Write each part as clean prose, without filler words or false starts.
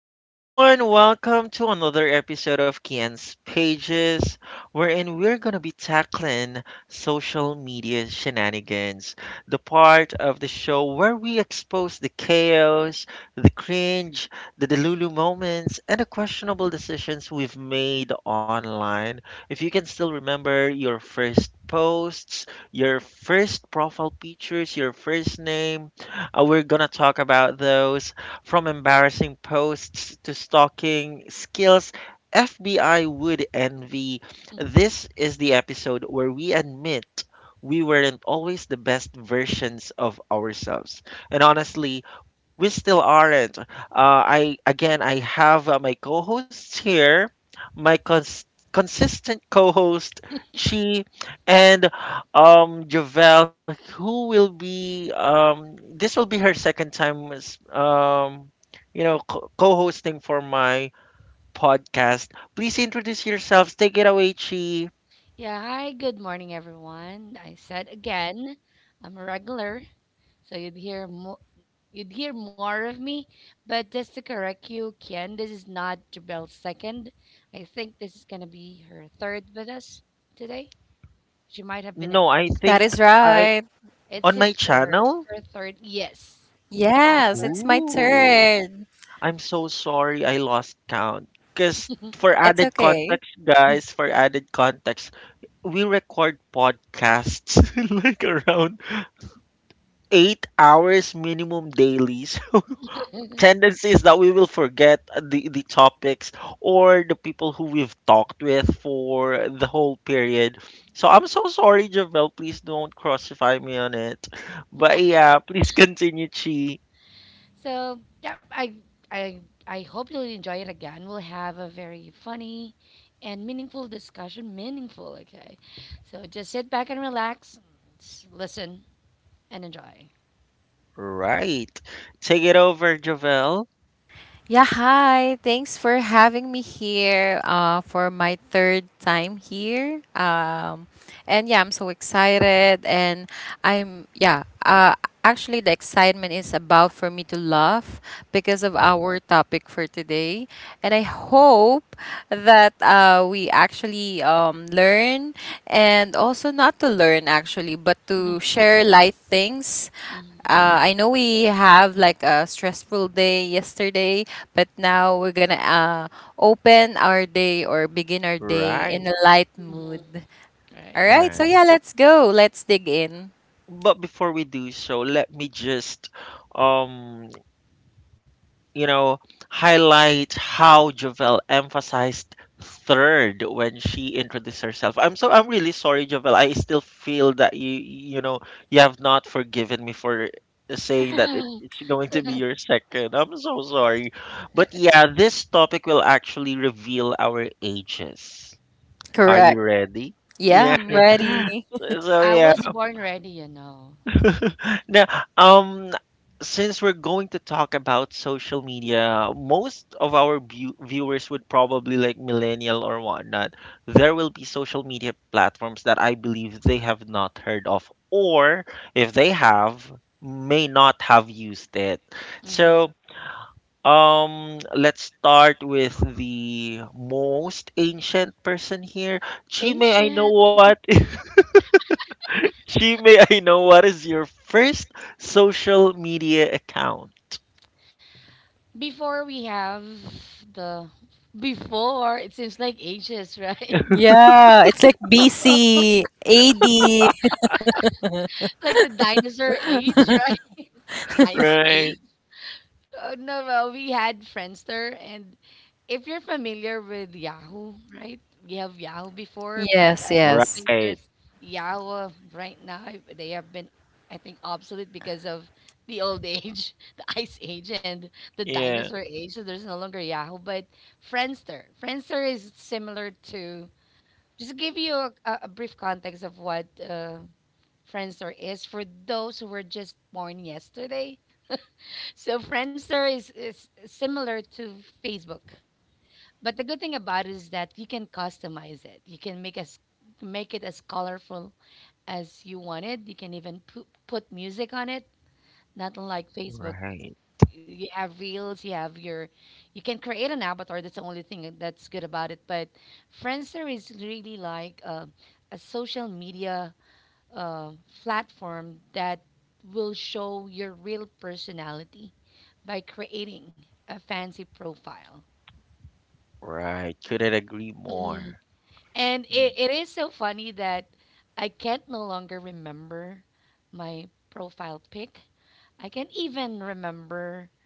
Hi everyone, welcome to another episode of Kian's Pages, wherein we're gonna be tackling social media shenanigans, the part of the show where we expose the chaos, the cringe, the delulu moments, and the questionable decisions we've made online. If you can still remember your first posts, your first profile pictures, your first name, we're gonna talk about those from embarrassing posts to stalking skills, FBI would envy. This is the episode where we admit we weren't always the best versions of ourselves. And honestly, we still aren't. I have my co-hosts here, my cons- consistent co-host Chi, and Javel, who will be this will be her second time as co-hosting for my podcast. Please introduce yourselves. Take it away, Chi. Yeah, hi, good morning, everyone. I said again, I'm a regular, so you'd hear more of me. But just to correct you, Kian, this is not Jabel's second. I think this is gonna be her third with us today. She might have That been is No, I enjoying it, right. think right? I It's on his my third channel. her third yes, Yes, it's her my turn. Ooh, I'm so sorry I lost count. Because third. It's for added okay. context, guys, for added context, we record podcasts like around 8 hours minimum daily. Tendency is that we will forget the topics or the people who we've talked with for the whole period. So I'm so sorry, Javel. Please don't crucify me on it. But yeah, please continue, Chi. So yeah, I I hope you'll enjoy it again. We'll have a very funny and meaningful discussion. Meaningful, okay. So just sit back and relax, listen and enjoy. Right. Take it over, Javel. Yeah, hi. Thanks for having me here for my third time here. And yeah, I'm so excited. And yeah, actually, the excitement is about for me to laugh because of our topic for today. And I hope that we actually, learn and also not to learn, actually, but Mhm, to share light things. mhm, I know we have like a stressful day yesterday, but now we're gonna open our day or begin our day in Right. a light mhm. mood. All Right. right, so Right. yeah, let's go. Let's dig in. But before we do so, let me just um you know, highlight how Jovel emphasized third when she introduced herself. I'm really sorry, Jovel. I still feel that you have not forgiven me for saying that it's going to be your second. I'm so sorry. But yeah, this topic will actually reveal our ages. Are you Correct. ready? Yeah, Yeah. I'm Ready. ready. So I yeah, was born ready, you know. now, um, since we're going to talk about social media, most of our viewers would probably like millennial or whatnot. There will be social media platforms that I believe they have not heard of, or if they have, may not have used it. Mhm. So, let's start with the most ancient person here. Chime, I know Ancient. what. She may I know what is your first social media account? Before we have the before, it seems like ages, right? Yeah, it's like BC, AD. Like the dinosaur age, right? Ice. Right. Oh, no, well, we had Friendster, and if you're familiar with Yahoo, right? We have Yahoo before, but Yes, I don't yes. think Right. there's Yahoo right now. They have been, I think, obsolete because of the old age, the ice age, and the Yeah. dinosaur age. So there's no longer Yahoo, but Friendster. Just to give you a brief context of what Friendster is for those who were just born yesterday, so Friendster is similar to Facebook, but the good thing about it is that you can customize it. You can make it as colorful as you want it. You can even put music on it. Not unlike Facebook, Right. you have reels. You have your, you can create an avatar. That's the only thing that's good about it. But Friendster is really like a social media uh, platform that will show your real personality by creating a fancy profile. Right. Couldn't agree Mhm. more. And it is so funny that I can't no longer remember my profile pic. I can't even remember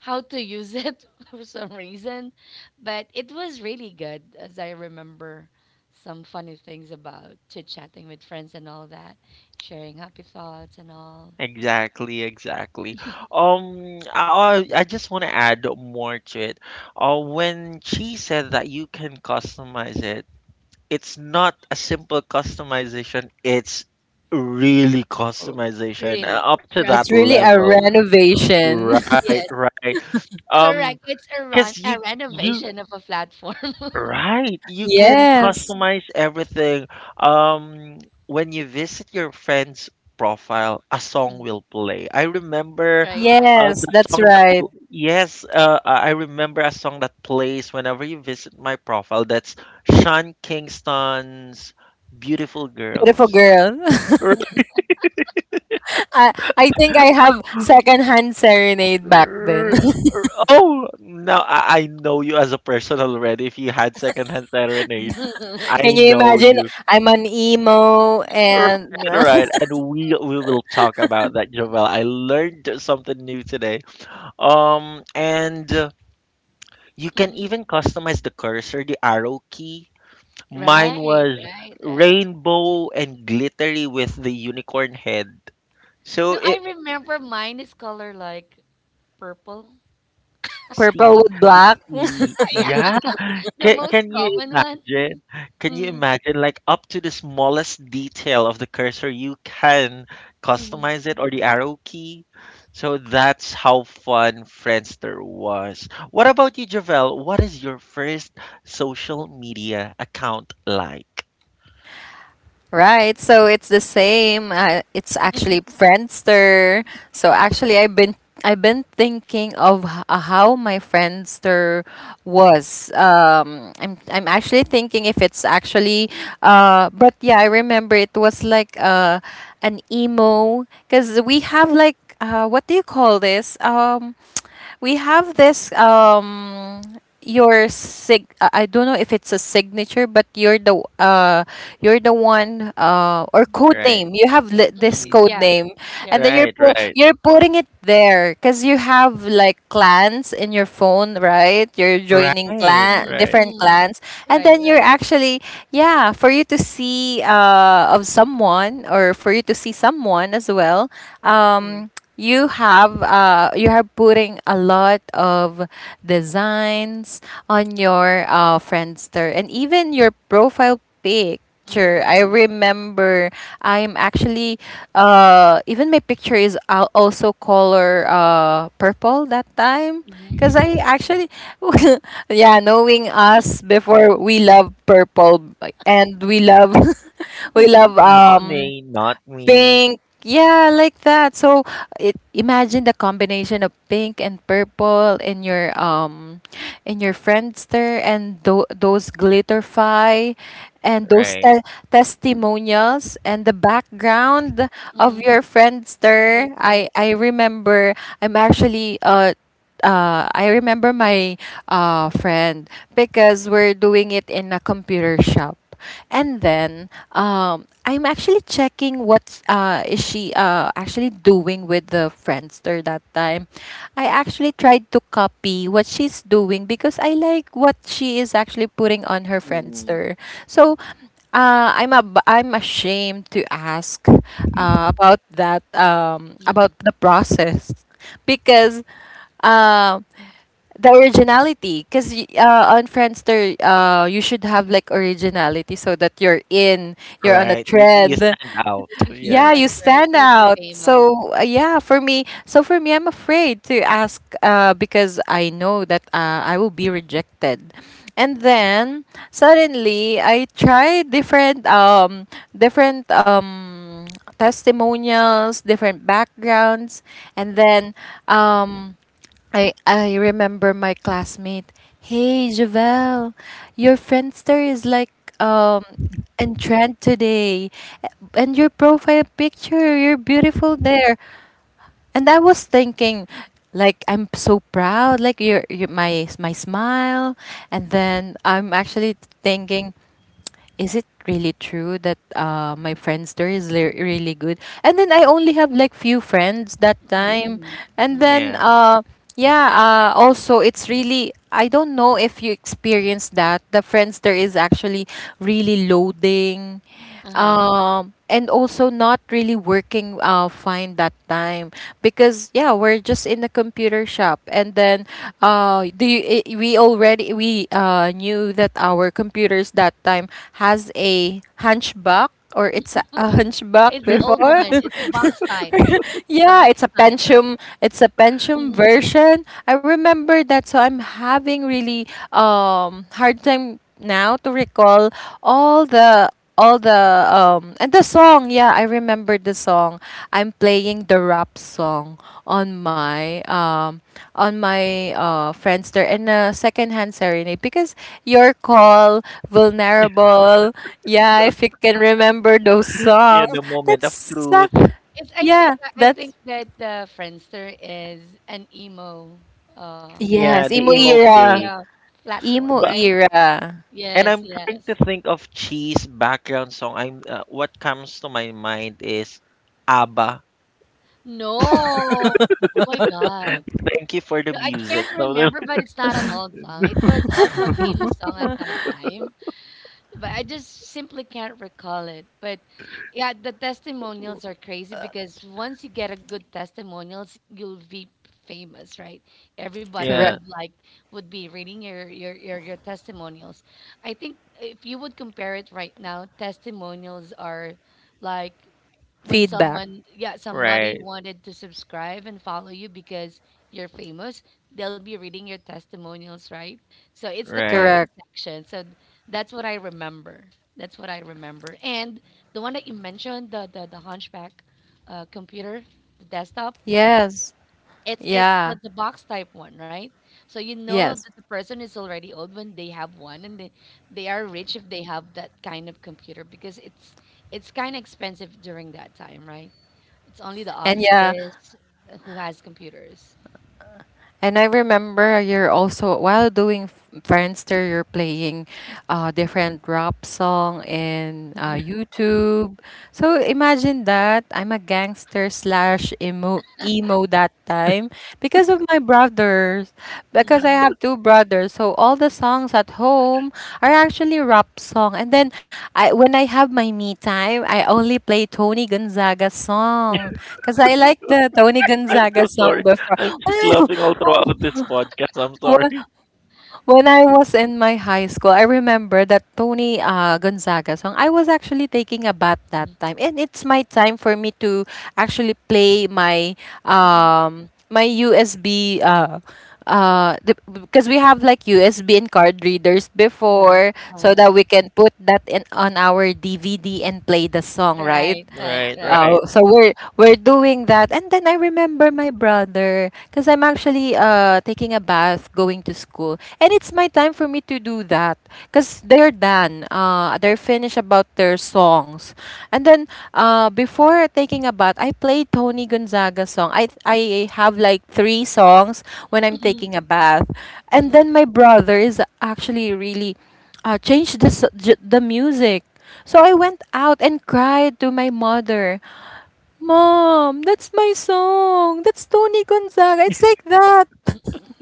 how to use it for some reason. But it was really good as I remember some funny things about chit chatting with friends and all that, sharing happy thoughts and all. Exactly, exactly. I just want to add more to it. When she said that you can customize it, it's not a simple customization. It's really customization Really, up to that It's trust me. really a level. renovation. Right, Yes. right. Um, Correct. It's a, run, Cause you a you renovation of a platform. right, you can Yes, customize everything. Um, when you visit your friend's profile, a song Mm. will play. I remember Right, right. Yes, the that's song that right. pl- yes, I remember a song that plays whenever you visit my profile. That's Sean Kingston's "Beautiful Beautiful Girls." girl. R- I, I think I have secondhand serenade back then. r- r- Oh, now I know you as a person already. If you had secondhand serenade, Mhm, I Can you know imagine? you. I'm an emo and Right, right. And we will talk about that, Jovel. I learned something new today. And you can mhm. even customize the cursor, the arrow key. Mine Right, was right, right. rainbow and glittery with the unicorn head. So No, I it, remember mine is color like purple. purple See, with y black. y Yeah, yeah. the Can most can you common one. imagine? Can you Mm, imagine like up to the smallest detail of the cursor, you can mm, customize it or the arrow key. So that's how fun Friendster was. What about you, Javel? What is your first social media account like? Right, so it's the same. It's actually Friendster. So actually, I've been thinking of how my Friendster was, I'm actually thinking if it's actually. But yeah, I remember it was like an emo, because we have like what do you call this, we have this, your sig, I don't know if it's a signature, but you're the, you're the one, or code Right. name. You have this mm, Mm. code yeah, name, and right. then Right, right. you're putting it there because you have like clans in your phone, right? You're joining Right, Mm, clan right. different mm, clans, and right, then you're right. actually, yeah, for you to see of someone or for you to see someone as well. Mm, You have you are putting a lot of designs on your friendster and even your profile picture. I mm, remember, I'm actually even my picture is also color, purple, that time, mm, because mm, I actually, yeah, knowing us before, we love purple, and we love, we mm, love Not me, not me. pink. Yeah, like that. So, imagine the combination of pink and purple in your, Friendster, and those glitterfy, and those Right. Testimonials, and the background of mm, your Friendster. right, I right. I remember, I remember my friend, because we're doing it in a computer shop. And then, I'm actually checking what, is she, actually doing with the Friendster that time. I actually tried to copy what she's doing because I like what she is actually putting on her Mm. Friendster. So, I'm ashamed to ask, about that, about Mm. the process, because, um, the originality. Because, on Friendster, you should have like originality so that you're on a Right. You trend. stand out. You'll be Yeah. Yeah, famous, you right? stand You'll be out. famous. So, yeah, for me, I'm afraid to ask, because I know that, I will be rejected. And then suddenly, I tried different, different um, testimonials, different backgrounds, and then, um I remember my classmate. "Hey, Javel, your friendster is like, um in trend today, and your profile picture, you're beautiful there." And I was thinking, like I'm so proud, like your my smile, and then I'm actually thinking, is it really true that, my friends there is really good? And then I only have like few friends that Mm, time. mm, And mm. then, Yeah. Yeah, also it's really, I don't know if you experience that the friends there is actually really loading, Uh-huh. And also not really working fine that time, because yeah, we're just in the computer shop, and then, we already, we knew that our computers that time has a hunchback, or it's a hunchback It's the old before. one. It's the box type. The yeah, box it's a type, Pentium. It's a Pentium right? version. I remember that, so I'm having really hard time now to recall all the, all the and the song. Yeah, I remember the song. I'm playing the rap song on my, friendster, and a secondhand serenade, because your call vulnerable. Yeah, if you can remember those Yeah, songs, the moment of that's. truth. It's Yeah, I think that's, that Friendster is an emo uh, Yeah, yes, the emo social emo era. media phase. platform, Emo But right? era. and Yes, I'm trying yes. to think of cheese background song. I'm what comes to my mind is ABBA. No. Oh my God. Thank you for No, the I can't music. remember, So but it's not an old song. It was also a famous song at that time, but I just simply can't recall it. But yeah, the testimonials are crazy because once you get a good testimonials, you'll be famous, right? Everybody yeah, Correct. would like would be reading your testimonials. I think if you would compare it right now, testimonials are like when Feedback. someone, yeah, somebody right, wanted to subscribe and follow you because you're famous, they'll be reading your testimonials, right? So it's the right. comment Correct. section. So th- that's what I remember that's what I remember and the one that you mentioned, the hunchback computer, the desktop, Yes. it's it's the, Yeah. the box type one, right? So you know Yes. that the person is already old when they have one, and they are rich if they have that kind of computer because it's kind of expensive during that time, right? It's only the And yeah, offices who has computers. and I remember you're also, while doing Friendster, you're playing different rap song in, YouTube. So imagine that I'm a gangster slash emo that time, because of my brothers, because I Mhm, have two brothers. So all the songs at home are actually rap song. And then, I when I have my me time, I only play Tony Gonzaga song because I like the Tony I'm Gonzaga so song sorry. before. I'm just laughing all throughout this podcast. I'm Well, sorry. when I was in my high school, I remember that Tony, Gonzaga song. I was actually taking a bath that mhm, time, and it's my time for me to actually play my, mhm, USB, uh because we have like USB and card readers uh uh-huh, before, so uh-huh. that we can put that in on our DVD and play the song, right? Right, right, Right, right. Oh, right. so we're doing that, and then I remember my brother, because I'm actually taking a bath, going to school, and it's my time for me to do that because they're done. They're finished about their songs, and then, before taking a bath, I played Tony Gonzaga song. I have like three songs when I'm taking a Mhm, bath, and mhm, then my brother is actually really, change the music. So I went out and cried to my mother, "Mom, that's my song. That's Tony Gonzaga." It's like that. mhm,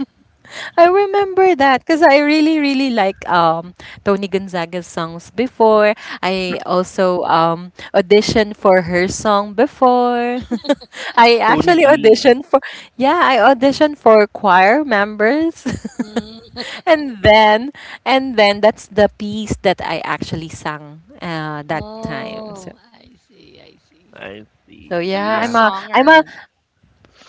I remember that because I really, really like Tony Gonzaga's songs before. I also auditioned for her song before. I Tony actually G. auditioned for yeah, I auditioned for choir members. mhm. and then and then that's the piece that I actually sang, that time. So. Oh, I see, I see. I So see. So you're yeah, a I'm Yeah. a I'm songer, a huh?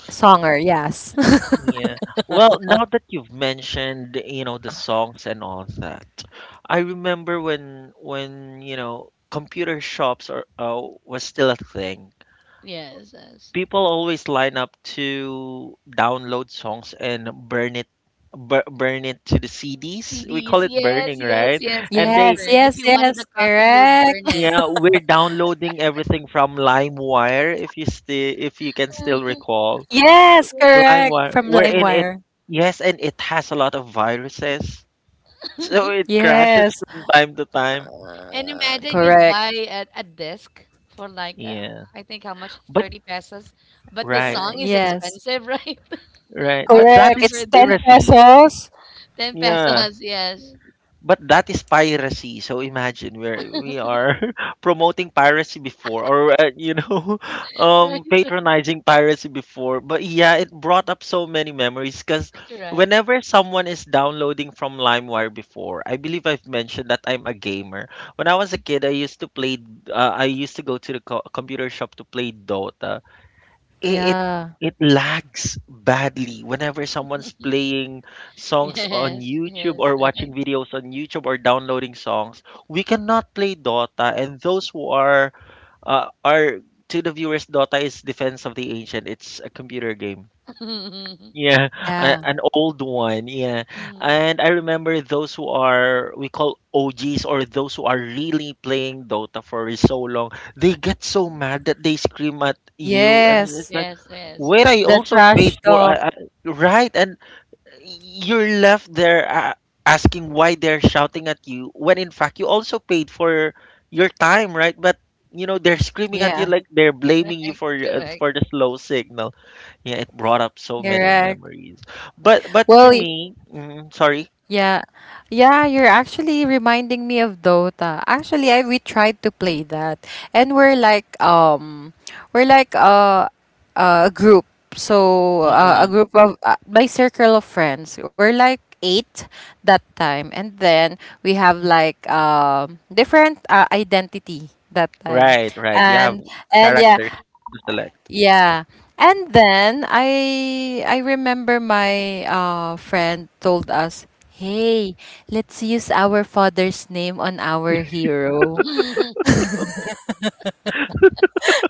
songer, yes. Yeah. Well, now that you've mentioned, the songs and all that, I remember when computer shops are was still a thing. Yes, yes. People always line up to download songs and burn it to the CDs. We call CDs, it yes, burning, yes, right? yes, And Yes, yes. they yes, Burn. If you yes, wanted a copy, you'll correct. burn it. yeah, we're downloading everything from LimeWire if you can still recall. Yes, Yes. LimeWire, correct. From we're in it. LimeWire. Yes, and it has a lot of viruses. So it crashes from Yes. time to time. And imagine Uh, you'd buy correct. A disc for like, Yeah. I think how much? But 30 pesos. But the right, song Uh, is yes. expensive, right? right. I But that is Correct. remember It's that. 10 piracy. pesos. 10 Yeah. pesos, yes. But that is piracy. So imagine where we are promoting piracy before or Right, right, patronizing piracy before. But yeah, it brought up so many memories cuz correct. whenever someone is downloading from LimeWire before, I believe I've mentioned that I'm a gamer. When I was a kid, I used to play I used to go to the computer shop to play Dota. it, Yeah. it lags badly whenever someone's playing songs on Yes, YouTube yes, or right. watching videos on YouTube or downloading songs. We cannot play Dota, and those who are to the viewers, Dota is Defense of the Ancient. It's a computer game. Yeah, Yeah. an old one. Yeah. Mhm. And I remember those who are, we call OGs or those who are really playing Dota for so long, they get so mad that they scream at you. And it's Yes. like, Yes, yes, where I right. The also paid trash for, talk. Right? And you're left there asking why they're shouting at you when in fact you also paid for your time, right? But you know they're screaming at you Yeah. like they're blaming you Correct, correct, for the slow signal yeah, it brought up so many Correct. memories. But right. but to Well, me, sorry. yeah. Yeah, you're actually reminding me of Dota. Actually, I we tried to play that, and we're like, a group. So, a Mm-mm. group of, my circle of friends. We're like 8 that time, and then we have like, different, identity that time. Right, right. You have And and yeah, characters to select. yeah. And then I remember my friend told us, "Hey, let's use our father's name on our hero." Mhm.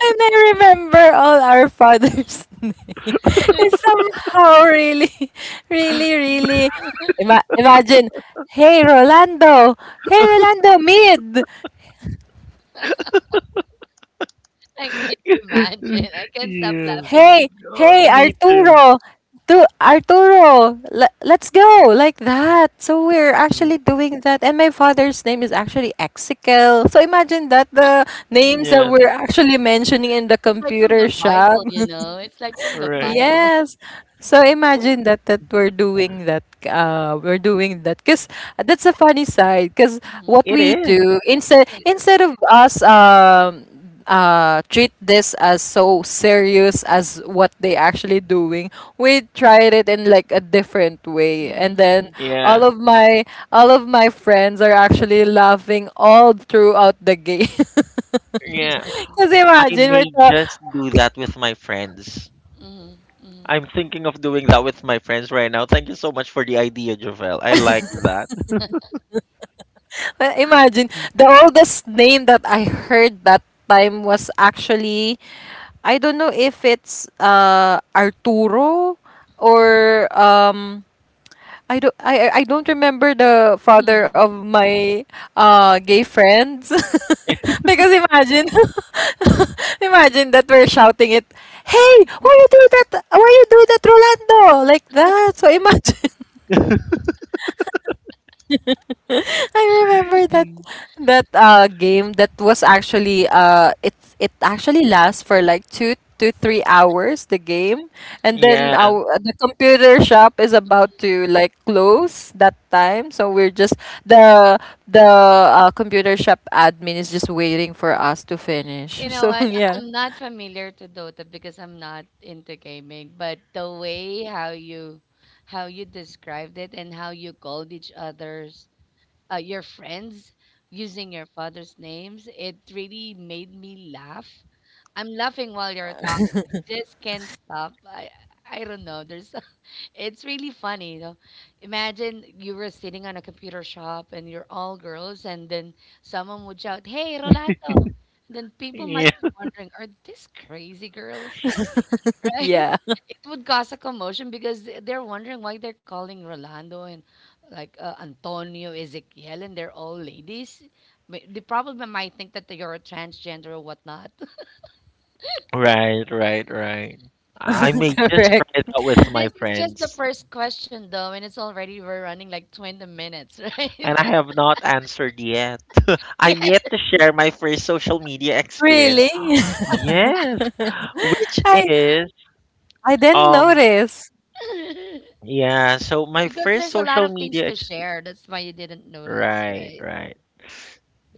And I remember all our father's name. It's somehow really, really really imagine, "Hey, Rolando, hey, Rolando Mid." I can't imagine. I can't stop Yeah. laughing. You know? Hey, Oh, hey, me too. Arturo, let's go, like that. So we're Yeah. actually doing that, and my father's name is actually Exical. So imagine that, the names that Yeah. we're actually mentioning in the It's like from the computer Bible, shop. you know? It's like from the Right. Bible. Yes. So Oh, imagine that, we're doing that, we're doing that, because that's a funny side. Because Mhm. what it we is. do, instead It is. instead of us um uh treat this as so serious as what they actually doing, we tried it in like a different way, and then Mhm, all Yeah. of my all of my friends are actually laughing all throughout the game, Yeah. because I imagine may just do that with my friends. mhm, mhm. I'm thinking of doing that with my friends right now. Thank you so much for the idea, Jovel. I like that. Imagine the oldest name that I heard that time was actually, I don't know if it's Arturo, or, I don't remember the father of my gay friends, because imagine, imagine that we're shouting it, "Hey, why you do that, Rolando," like that, so imagine. I remember that, that game, that was actually, it actually lasts for like 2 to 3 hours, the game, and then Yeah. our the computer shop is about Mhm. to like close that time, so we're just, the the, computer shop admin is just waiting for us to finish. You know So, what? Yeah, I'm not familiar to Dota because I'm not into gaming, but the way how you described it and how you called each other's, your friends using your father's names, it really made me laugh. I'm laughing while you're talking. I just can't stop. I don't know. There's it's really funny, though. Imagine you were sitting on a computer shop and you're all girls, and then someone would shout, "Hey, Rolando!" And then people might Yeah. be wondering, "Are these crazy girls?" Right? yeah, It would cause a commotion because they're wondering why they're calling Rolando and like Antonio, Ezekiel, and they're all ladies. They probably might think that you're a transgender or whatnot. Right, right, right. I correct, may just try it out with This my is just the friends. first question, though, and it's already we're running like 20 minutes, right? And I have not answered yet. Yeah, I'm yet to share my first social media really. experience. Yes, which I is I didn't um notice. yeah, so my because first there's a lot social of things media to ex- share. That's why you didn't notice, right, right? right.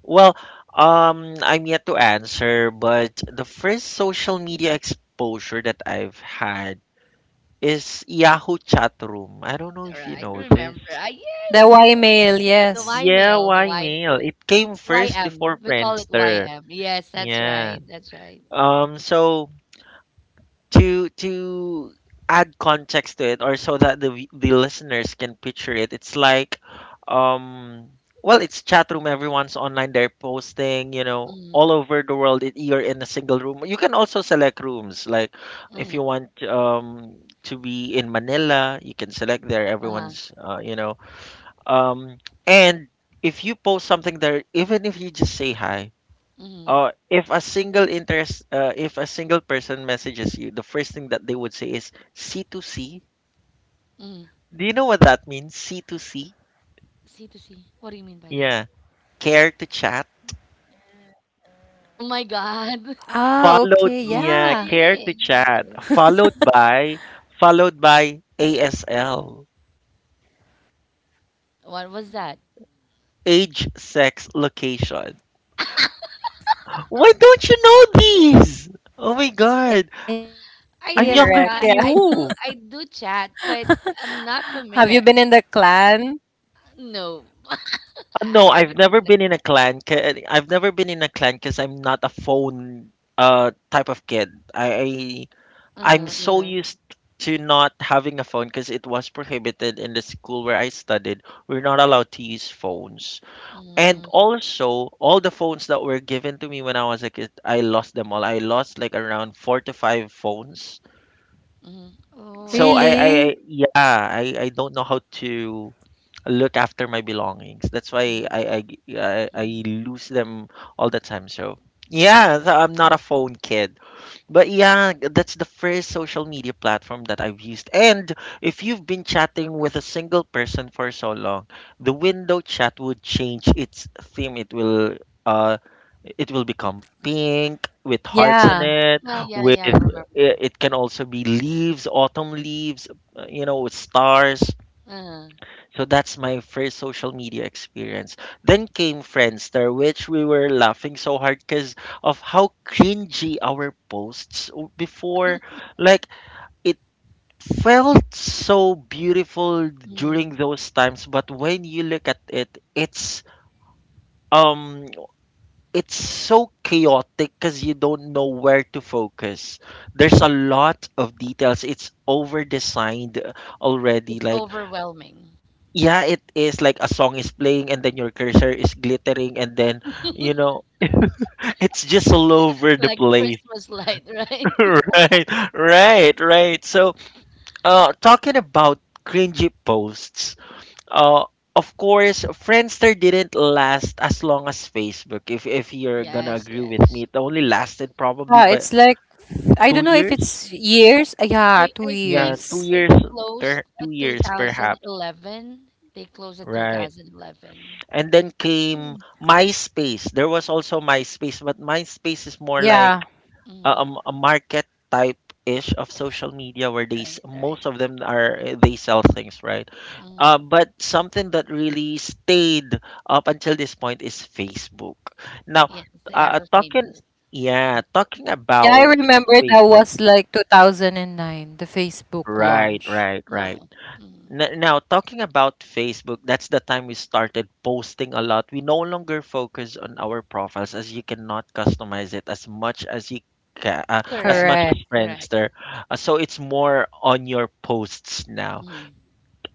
Well, I'm yet to answer, but the first social media exposure that I've had is Yahoo chat room. I don't know All if you right, know this. remember. Ah, The yes, the Y mail, Y yes. Yeah, mail, the why Y mail? It came Y first M. before We call it Friendster. YM. Yes, that's Yeah. right. That's right. So to add context to it, or so that the the listeners can picture it, it's like, um. Well, it's chat room. Everyone's online. They're posting. You know, Mm-hmm. all over the world. You're in a single room. You can also select rooms. Like, if Mm-hmm. you want to be in Manila, you can select there. Uh-huh. Everyone's you know um, and if you post something there, even if you just say hi, Mm-hmm. If a single person messages you, the first thing that they would say is c to c. Mm-hmm. Do you know what that means? C to c. C to C. What do you mean by that? Yeah. Care to chat? Ah, Oh okay, my yeah. God. Followed, yeah, care to Okay. chat. Okay. Followed by, followed by ASL. What was that? Age, AS, sex, ah, those location. Why next don't you know location, correct. Yeah. these? Oh my god. I I'm do younger than chat. I Have you do. you. been in I the do chat, clan? but I'm not familiar. No, I No, I've haven't been never in a. been in a clan. I've never been in a clan because I'm not a phone type of kid. I'm Uh-huh, so uh-huh. used to not having a phone because it was prohibited in the school where I studied. We're not allowed to use phones. And Mm, also, all the phones that were given to me when I was a kid, I lost them all. I lost like around four to five phones. mhm. Oh, I So see. I Really? yeah, I don't know how to look after my belongings. That's why Mhm, I mhm, lose them all the time. So yeah, so I'm not a mhm. phone kid, but yeah, that's the first social media platform that I've used. And if you've been chatting with a single person for so long, the window chat would change its theme. Uh it will become pink with hearts on Yeah. it Yeah, yeah, with yeah, I it remember. it can also be leaves, autumn leaves, with stars. Uh, So that's my first social media experience. Then came Friendster, which we were laughing so hard because of how cringy our posts before. Like it felt so beautiful mhm. during those times, but when you look at it, um it's so chaotic because you don't know where to focus. There's a lot of details. It's over designed already. It's overwhelming. Yeah, it is like a song is playing and then your cursor is glittering and then, you know, it's just all over the Like a place. Christmas light, right? Right, right, right. So, talking about cringy posts, uh, of course, Friendster didn't last as long as Facebook. If you're gonna Yes, agree with me, yes, it only yes. lasted probably Ah, but it's like, I two don't know if years. it's years. Yeah, I, two I Yeah, think two years. years, they closed two at years perhaps. 2011. They closed at Right. 2011. And then came MySpace. There was also MySpace, but MySpace is more Yeah. like a, a Mm, m- a market type ish of social media where right, most right. of them are they sell things, right? Mm, But something that really stayed up until this point is Facebook. Now, yeah, it's the uh, uh, ever talking, famous. yeah, talking Yeah, I about remember that Facebook. was like 2009, the Facebook Right, launch. right, right. No. Mm, Now talking about Facebook, that's the time we started posting a lot. We no longer focus on our profiles as you cannot customize it as much as you can, as correct, much as Correct. correct. Friendster. So it's more on your posts now. Mm-hmm.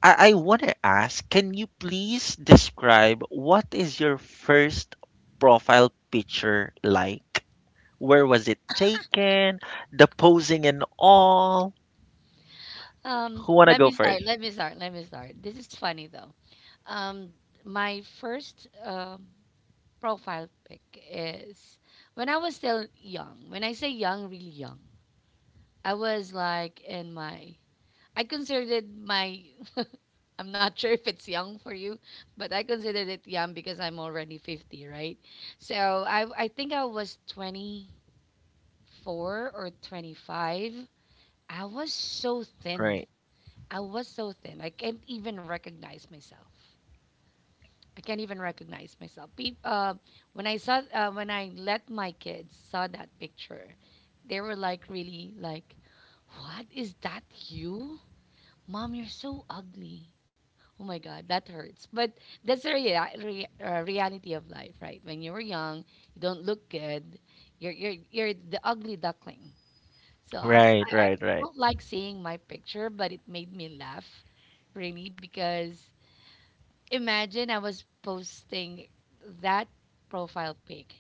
I want to ask, can you please describe what is your first profile picture like, where was it taken, the posing and all? Who want to go first? Let me start. This is funny though. Um, my first profile pic is when I was still young. When I say young, really young, I was like in my. I considered my. I'm not sure if it's young for you, but I considered it young because I'm already 50, right? So I think I was 24 or 25. I was so thin. Right, I was so thin. I can't even recognize myself. I can't even recognize myself. Peop When I saw, when I let my kids saw that picture, they were like really like, "What is that you, mom? You're so ugly." Oh my God, that hurts. But that's the reality of life, right? When you were young, you don't look good. You're you're the ugly duckling, so right, I right, right, don't like seeing my picture, but it made me laugh, really, because imagine I was posting that profile pic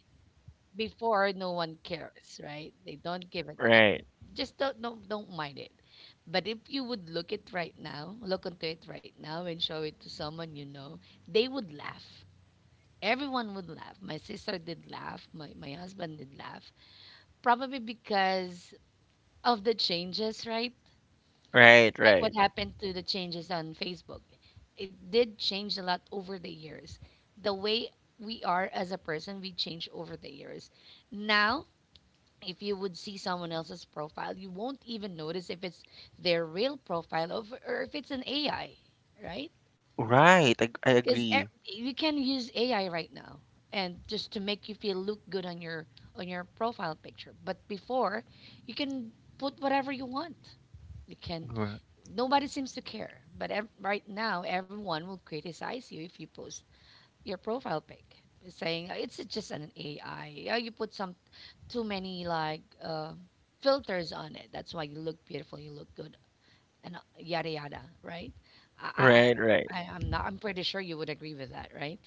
before, no one cares, right? They don't give a damn. right. Just don't don't mind it. But if you would look it right now, look into it right now, and show it to someone you know, they would laugh. Everyone would laugh. My sister did laugh. My husband did laugh. Probably because of the changes, right? Right, Just like what right. happened to the changes on Facebook. It did change a lot over the years. The way we are as a person, we change over the years. Now, if you would see someone else's profile, you won't even notice if it's their real profile, or if or if it's an AI, right? Right. I Because agree. you can use AI right now and just to make you feel look good on your profile picture. But before, you can put whatever you want, you can, R- nobody seems to care. But right now, everyone will criticize you if you post your profile pic, saying, it's just an AI. Yeah, you put some too many like filters on it. That's why you look beautiful, you look good, and yada yada," right? I, I, Right, I, right. I'm not. I'm pretty sure you would agree with that, right?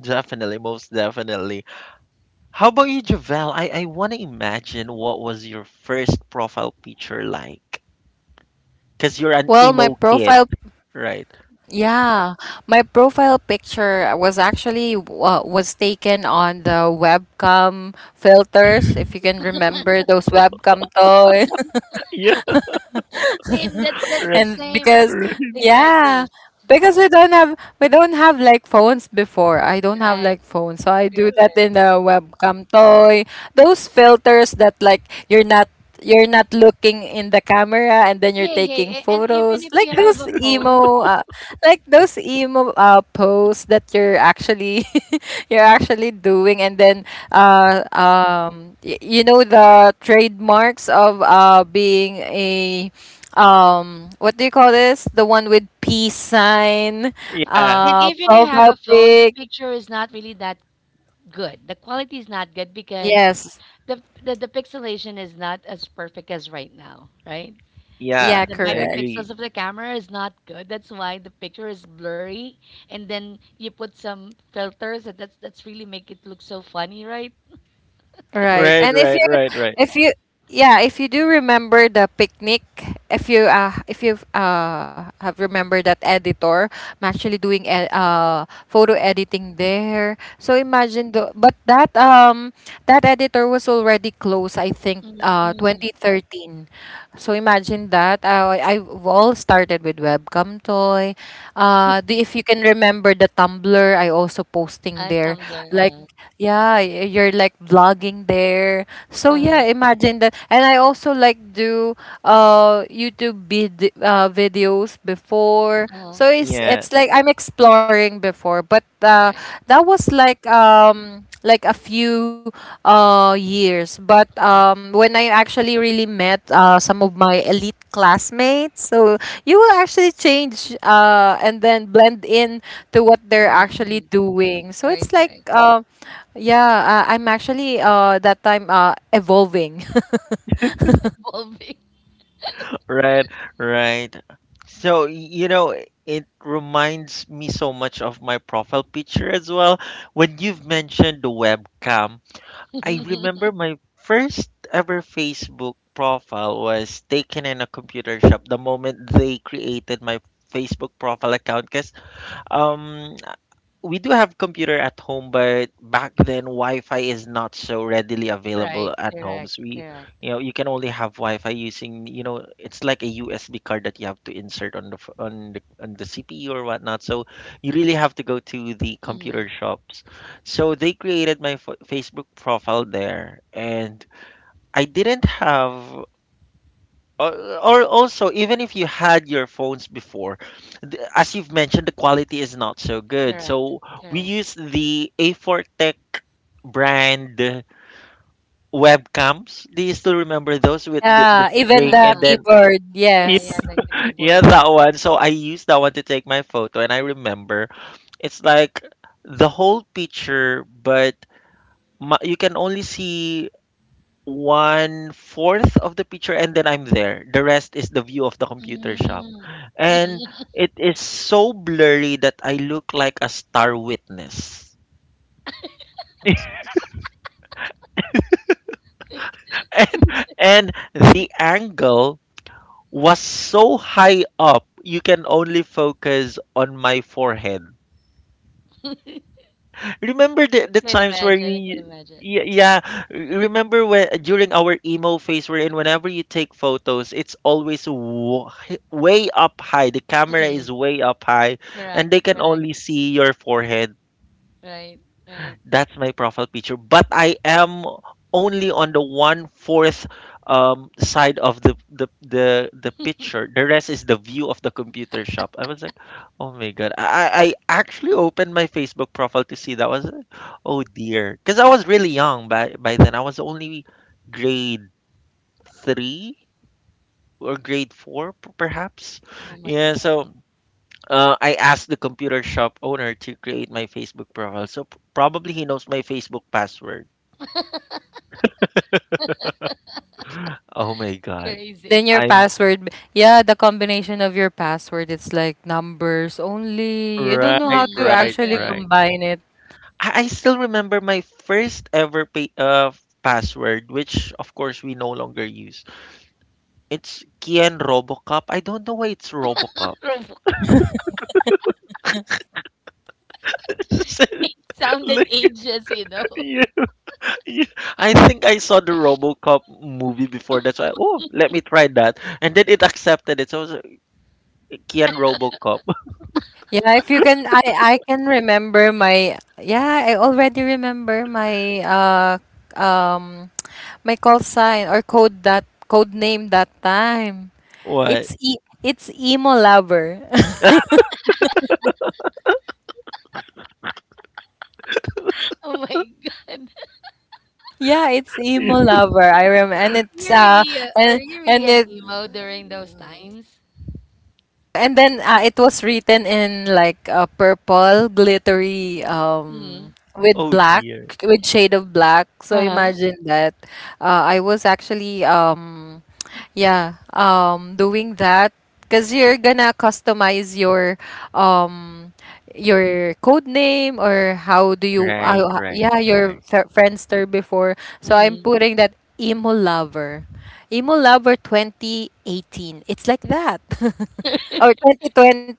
Definitely, most definitely. How about you, Javel? I want to imagine, what was your first profile picture like? Because you're an Well, my emo kid, profile right? Yeah, my profile picture was actually, was taken on the webcam filters, if you can remember those webcam toy. Yeah, Same. That's right, the and same because right. thing that I yeah, use, because we don't have like phones before. I don't have right? like phones, so I do Correct, that correct. in the webcam toy, those filters that like you're not you're not looking in the camera, and then you're Hey, hey, taking a- and even photos if like you have those a phone, emo posts that you're actually you're actually doing. And then you know the trademarks of being a, what do you call this, the one with peace sign, Yeah, and even you have profile a phone, the pic. picture is not really that good. The quality is not good because Yes. The pixelation is not as perfect as right now, right? Yeah, yeah, The I correct. agree. megapixels of the camera is not good. That's why the picture is blurry, and then you put some filters. That's really make it look so funny, right? Right. Right, And if right, you right, right. if you yeah, if you do remember the picnic, if you have remembered that editor, I'm actually doing photo editing there. So imagine the but that that editor was already closed, I think Mm, 2013. So imagine that I all started with webcam toy. If you can remember the Tumblr, I also posting there Tumblr. like, yeah, you're like vlogging there. So yeah, uh, imagine that. And I also like do YouTube videos before. uh, So it's Yeah, it's like I'm exploring before, but right. that was like, like a few years. But when I actually really met some of my elite classmates, so you will actually change and then blend in to what they're Mm-hmm, hmm. actually doing. So Right, it's like, right. Yeah, I'm actually that time evolving. Evolving. right, right. So, it reminds me so much of my profile picture as well. When you've mentioned the webcam, I remember my first ever Facebook profile was taken in a computer shop the moment they created my Facebook profile account, because um we do have computer at home, but back then Wi-Fi is not so readily Right, available at correct, homes. We, correct. you know, you can only have Wi-Fi using, it's like a USB card that you have to insert on the f- on the CPU or whatnot. So you really have to go to the Mm, computer shops. So they created my Facebook profile there, and I didn't have, or, or also, even if you had your phones before, as you've mentioned, the quality is not so good, correct, so we correct. use the A4 tech brand webcams. Do you still remember those, with the Yeah, even string the and Uh-huh, then, keyboard, Y- yeah, yeah, yes. like the yeah, keyboard. that one? So I used that one to take my photo, and I remember it's like the whole picture, but you can only see one fourth of the picture, and then I'm there. The rest is the view of the computer shop. Mm. And I it is so blurry that I look like a star witness. and and the angle was so high up, you can only focus on my forehead. Remember the can times where imagine. I can we, imagine. Yeah, remember when during our emo phase we're in. Whenever you take photos, it's always way up high. The camera is Mm. way up high, and Correct, they can correct, only see your forehead. right, right. That's my profile picture. But I am only on the one fourth side of the picture. The rest is the view of the computer shop. I was like, oh my god! I actually opened my Facebook profile to see that. Was like, oh dear, because I was really young by then. I was only grade three or grade four perhaps. Oh my Yeah. God, So, I asked the computer shop owner to create my Facebook profile. So probably he knows my Facebook password. Oh my god. crazy. Then your I'm password, yeah, the combination of your password, it's like numbers only. You don't know right, Mm, how to right, right, actually right. right. combine it. I still remember my first ever password, which of course we no longer use. It's Kian Robocop. I don't know why it's Robocop. Robot sounded Like, ages, you know. yeah, yeah. I think I saw the Robocop movie before. That's why, oh, let me try that. And then it accepted it. So it was like, Kian Robocop. Yeah, if you can, I can remember my, yeah, I already remember um my call sign, or code, that code name that time. What? It's e it's emo lover. Oh my God. Yeah, it's emo lover. I remember, and You it's really, are and you really and an it emo during those times? and then it was written in like a purple glittery, Mm. With Oh black, dear. with shade of black. So Uh-huh. imagine that. I was actually, yeah, doing that, because you're gonna customize um your code name, or how do you, Right, right, yeah, your right. Friendster before. So I'm Mm. putting that emo lover, emo lover 2018. It's like that. Or 2020,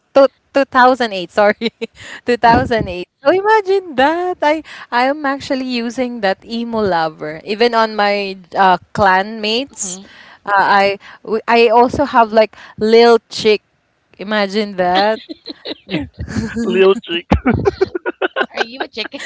2008, sorry. 2008. So imagine that. I am actually using that emo lover. Even on my clan mates, Mm. uh, I I also have like Lil Chick. Imagine that. Little chick. Are you a chicken?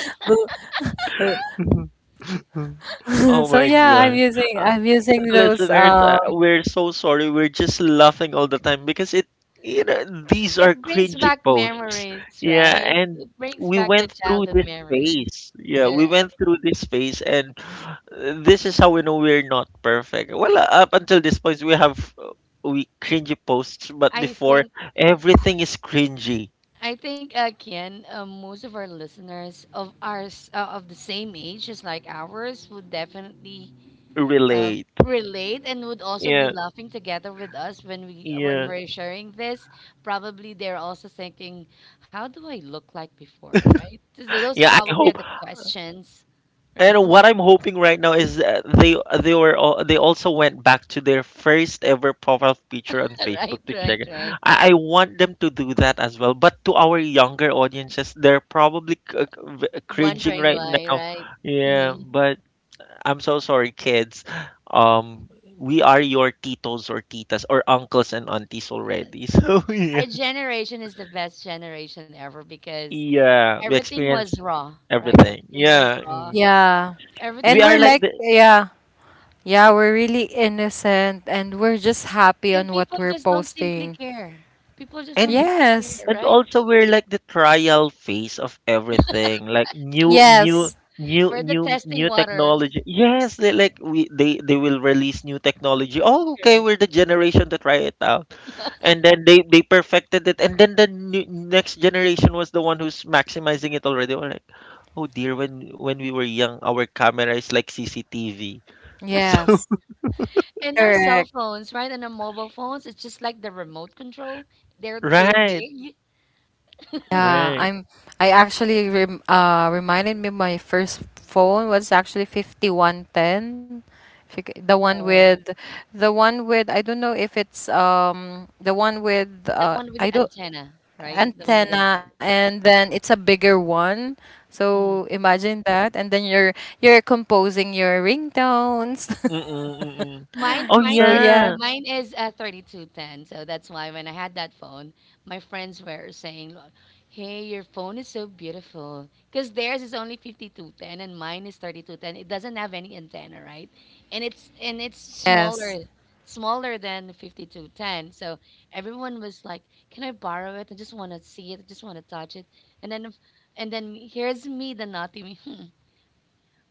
Oh So my yeah, I'm god. using Uh, I'm using those, Listeners, we're so sorry. We're just laughing all the time because, these are It brings cringy back posts. memories, Yeah, right? and It brings we back the went through childhood this memories. phase. Yeah, we Yes, went through this phase, and this is how we know we're not perfect. Well, up until this point, we have, we cringy posts, but I before, think everything is cringy. I think again, most of our listeners of ours of the same age as like ours would definitely uh, Relate. relate and would also be Yeah, laughing together with us when we when yeah, we're sharing this. Probably they're also thinking, "How do I look like before?" Right? Those yeah. I probably are hope. the questions, And right? what I'm hoping right now is, they also went back to their first ever profile picture on Facebook Right, to right, check it. right. I want them to do that as well. But to our younger audiences, they're probably, cringing Wondering right why, now. right? Hmm. Yeah, but I'm so sorry, kids. We are your titos or titas or uncles and aunties Yes. already. So yeah, Our generation is the best generation ever because yeah, we everything experience was raw, right? everything. Everything was Yeah, raw. mm. yeah. We And Everything are we're like was, like, the, yeah, yeah, we're really innocent, and we're just happy and on what people we're just don't simply posting. care. People just don't and simply Yes. care, and right? also we're like the trial phase of everything, like new new Yes. new We're the new testing new waters. technology. Yes, they like we they will release new technology. Oh, okay, Correct. we're the generation to try it out. And then they perfected it, and then the next generation was the one who's maximizing it already. We're like, "Oh dear, when we were young, our camera is like CCTV." So, Yes. And our cell Correct. phones, right? And our mobile phones, it's just like the remote control. They're too right. big. Yeah, Right. I actually reminded me, my first phone was actually 5110. The one Uh, with, I don't know if it's, the one with, the one with the I don't, antenna, right? The one with antenna. antenna, and then it's a bigger one. Mm-hmm. So imagine that, and then you're composing your ringtones. Mm-mm, mm-mm. Mine, Oh mine So is uh, yeah. yeah. mine is uh, 3210. So that's why when I had that phone, my friends were saying, "Hey, your phone is so beautiful." Because theirs is only 5210 and mine is 3210. It doesn't have any antenna, right? And it's Yes. smaller, smaller than 5210. So everyone was like, "Can I borrow it? I just want to see it. I just want to touch it." And then, if- And then here's me, the naughty me. "Hmm,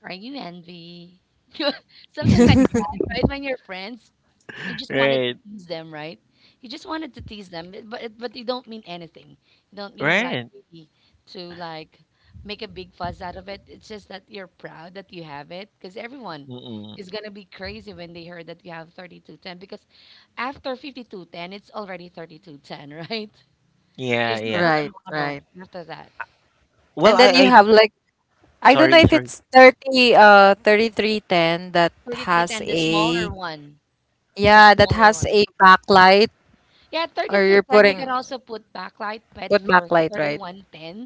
are you envy? Something like that, right?" When you're friends you just wanted to Right. tease them, right? You just wanted to tease them, but you don't mean anything. You don't mean like Right. maybe to like make a big fuss out of it. It's just that you're proud that you have it because everyone Mm-mm. is gonna be crazy when they heard that you have 3210 because after 5210 it's already 3210, right? Yeah, There's no yeah. other Right, model right. after that. Well, And then you have like, I don't know sorry, if sorry. it's 30 uh 3310 that has 3310, the a, smaller one, the yeah, that smaller has a one. backlight, Yeah, or you're 3210 you can putting, also put backlight, but put for backlight, right? 3110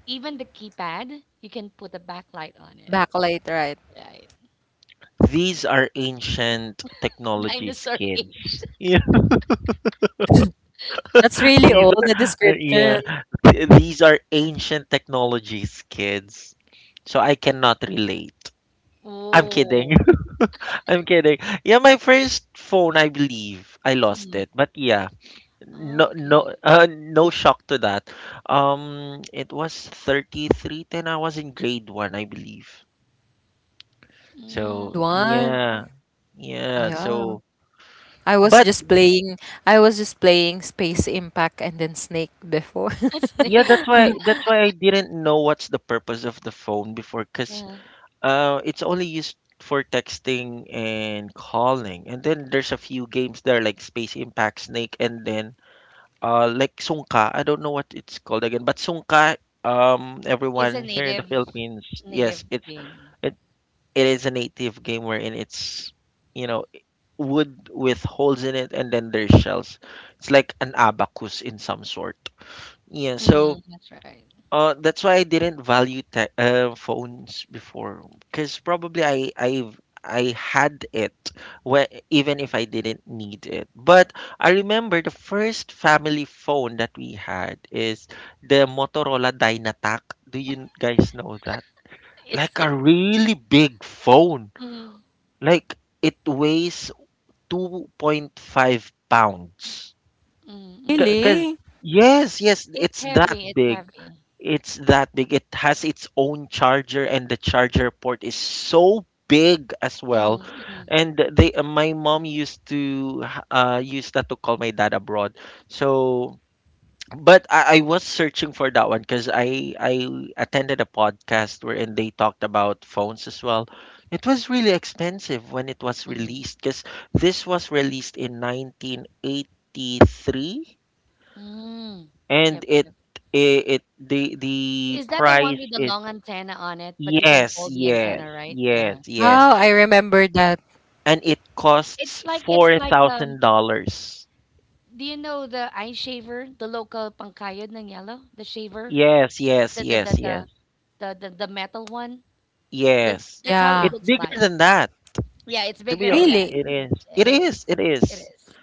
even the keypad, you can put a backlight on it. Backlight, right. Right. These are ancient technologies, Dinosaur kids. age. Yeah, That's really these old, are, the uh, description. yeah, these are ancient technologies, kids. So I cannot relate. I'm kidding. Oh. I'm kidding. Yeah, my first phone, I believe I lost Mm. it. But yeah, Oh, no, okay. no, no shock to that. It was 3310. I was in grade one, I believe. Mm. So One. yeah, yeah. Yeah. I was But just playing I was just playing Space Impact, and then Snake before. A yeah, snake. that's why I didn't know what's the purpose of the phone before, Yeah. cause Uh, it's only used for texting and calling. And then there's a few games there, like Space Impact, Snake, and then, like Sungka. I don't know what it's called again, but Sungka. It's a Everyone here in native the Philippines, native yes, game. it, it is a native game, wherein it's, you know wood with holes in it, and then there's shells. It's like an abacus in some sort. Yeah, Hmm, so. that's right. That's why I didn't value, te phones before, because probably I had it when, even if I didn't need it. But I remember the first family phone that we had is the Motorola Dynatac. Do you guys know that? Yes. Like It, a really big phone. mm, Like it weighs 2.5 pounds. mm, mm. Because Really? yes, yes, It's it's that heavy. It's big. heavy. It's that big. It has its own charger, and the charger port is so big as well. Mm-hmm, And my mom used to, use that to call my dad abroad. So, but I was searching for that one because I attended a podcast wherein they talked about phones as well. It was really expensive when it was mm-hmm, released, because this was released in 1983, mm. and Yep, it yep. it, it the Is that the one price with the is— long antenna on it? But you can Yes, fold the yes, antenna, right? Oh, yes, Uh-huh, I yes. uh-huh. remember that. And it costs It's like um, $4,000. do you know the eye shaver, the local pangkayod ng yellow, the shaver, Yes, yes, the the the yes, yes, the the metal one? Yes. That's how it Yeah. It's looks bigger like. than that. Yeah, it's To be bigger than honest, that. Really? it is. It It is. is, it It is. is.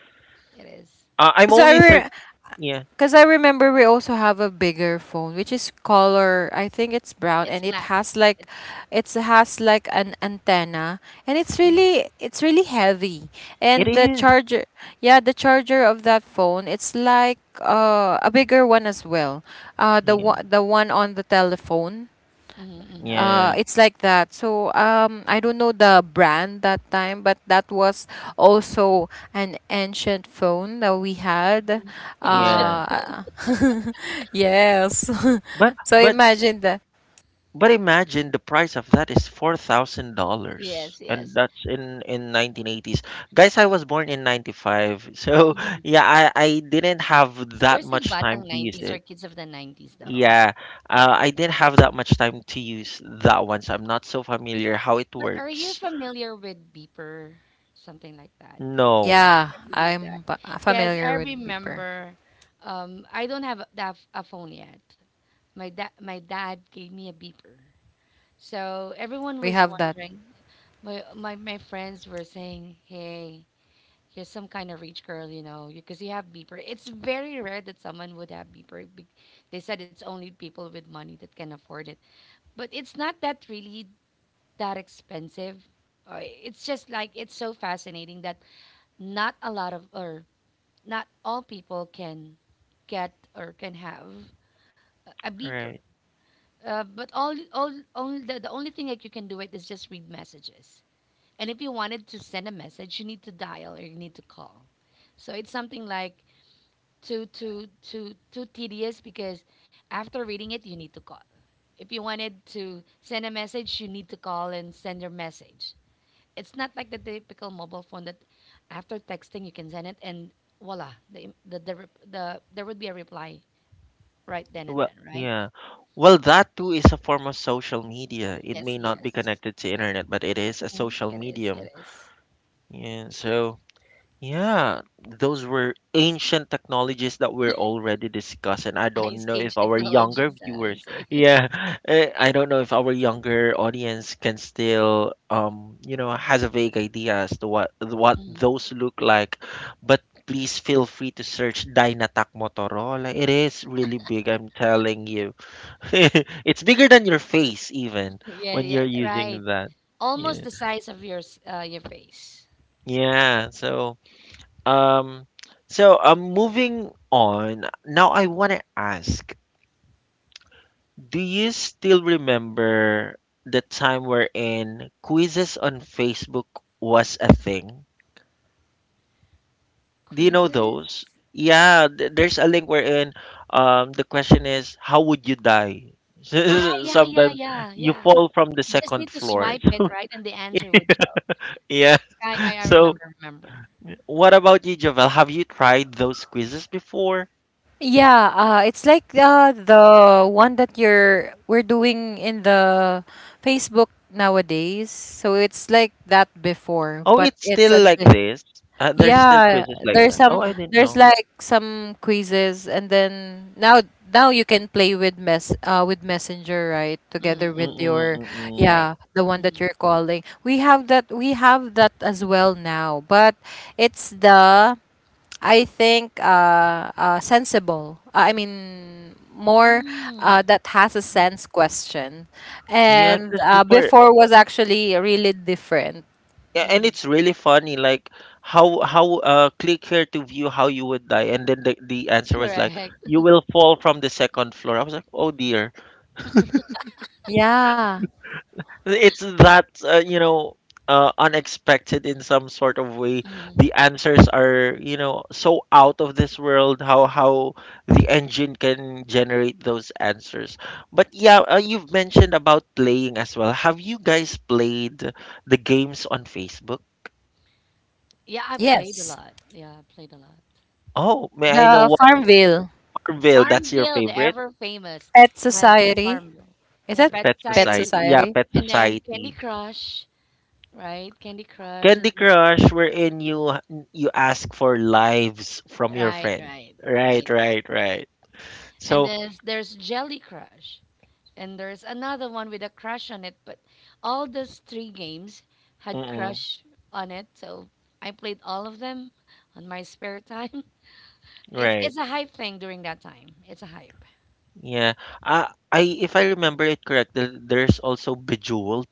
It is. I'm So I, only 30. re- Yeah, Because I remember we also have a bigger phone, which is color. I think it's brown, It's and it black. has like, It's black. it has like an antenna, and it's Mm-hmm, really, it's really heavy. it And the is. charger, yeah, the charger of that phone, it's like, a bigger one as well. Yeah, The one on the telephone, mm-hmm. Yeah, it's like that. So I don't know the brand that time, but that was also an ancient phone that we had. Ancient yeah. bone. Uh, yes. But So but imagine that. But imagine the price of that is $4,000, Yes, and yes. that's in 1980s. Guys, I was born in ninety five, so Mm. yeah, I didn't have You're that still much time batang to use 90s or it. kids of the 90s though. Yeah, Mm. I didn't have that much time to use that one, so I'm not so familiar how it But are you works. familiar with beeper, something like that? No, Yeah, Never use that I'm because I familiar with beeper. remember I don't have a, a phone yet. My dad gave me a beeper, so everyone We was have that. wondering. My friends were saying, "Hey, you're some kind of rich girl, you know, because you have beeper." It's very rare that someone would have beeper. They said it's only people with money that can afford it, but it's not that really that expensive. It's just like it's so fascinating that not a lot of or not all people can get or can have a beeper. right. But only the only thing that you can do it is just read messages. And if you wanted to send a message, you need to dial or you need to call. So it's something like too tedious because after reading it, you need to call. If you wanted to send a message, you need to call and send your message. It's not like the typical mobile phone that after texting you can send it and voila there would be a reply right then and Well, then right. yeah. Well, that too is a form of social media. It Yes, may not be yes. connected to internet, but it is a Mhm. social medium. It is Yeah, so. Yeah, those were ancient technologies that we're already discussing. I don't ice know if age our younger technologies I viewers, say. yeah, I don't know if our younger audience can still, has a vague idea as to what Mm. those look like. But please feel free to search Dynatac Motorola. It is really big, I'm telling you. It's bigger than your face even Yeah, when yeah, you're using right. that. Almost Yeah. the size of your your face. Yeah, so, Um, so, moving on. Now I want to ask, do you still remember the time wherein quizzes on Facebook was a thing? Do you know Quizzes. those? Yeah, there's a link wherein, the question is, how would you die? Ah, yeah, yeah, Sometimes yeah, you yeah. fall from the You just second need to floor. swipe it right and the answer would show Yeah. right. I So, remember remember. what about you, Javel? Have you tried those quizzes before? Yeah, it's like, the one that you're we're doing in the Facebook nowadays. So it's like that before, Oh, but it's it's a, still like this? There's still yeah, quizzes like that. Oh, I Mm, didn't there's know. like some quizzes, and then now you can play with mess with Messenger, right? mm, Together with mm. Mm-mm, your, mm-mm. Right. yeah, the one that you're calling. We have that as well now, but it's the, I think sensible. I mean, more Mm, that has a mm, sense question. Yeah, And because before, before was actually really different. And mm. it's really funny, like, how click here to view how you would die, and then the answer was like, Correct. you will fall from the second floor. I was like, oh dear. Yeah. It's that, unexpected in some sort of way. Mm. The answers are, so out of this world. How the engine can generate those answers. But yeah, you've mentioned about playing as well. Have you guys played the games on Facebook? Yeah, I played a Yes. lot. Yeah, I played a lot. Oh, may I know The what. Farmville. Orville? That's your Farmville, the favorite. ever famous. Pet Yes, Society. Farmville. Is that Yeah, Pet Pet Pet Society, Society? Society. Yeah, Pet and then Candy Society. Crush, right? Candy Crush, and Candy this, Crush, wherein you ask for lives from your right, friends. right, Right, right. right, right. And So, there's Jelly Crush, and there's another one with a crush on it. But all those three games had mm crush on it, so I played all of them on my spare time. Right. It's a hype thing during that time. It's a hype. Yeah. I if I remember it correctly, there's also Bejeweled,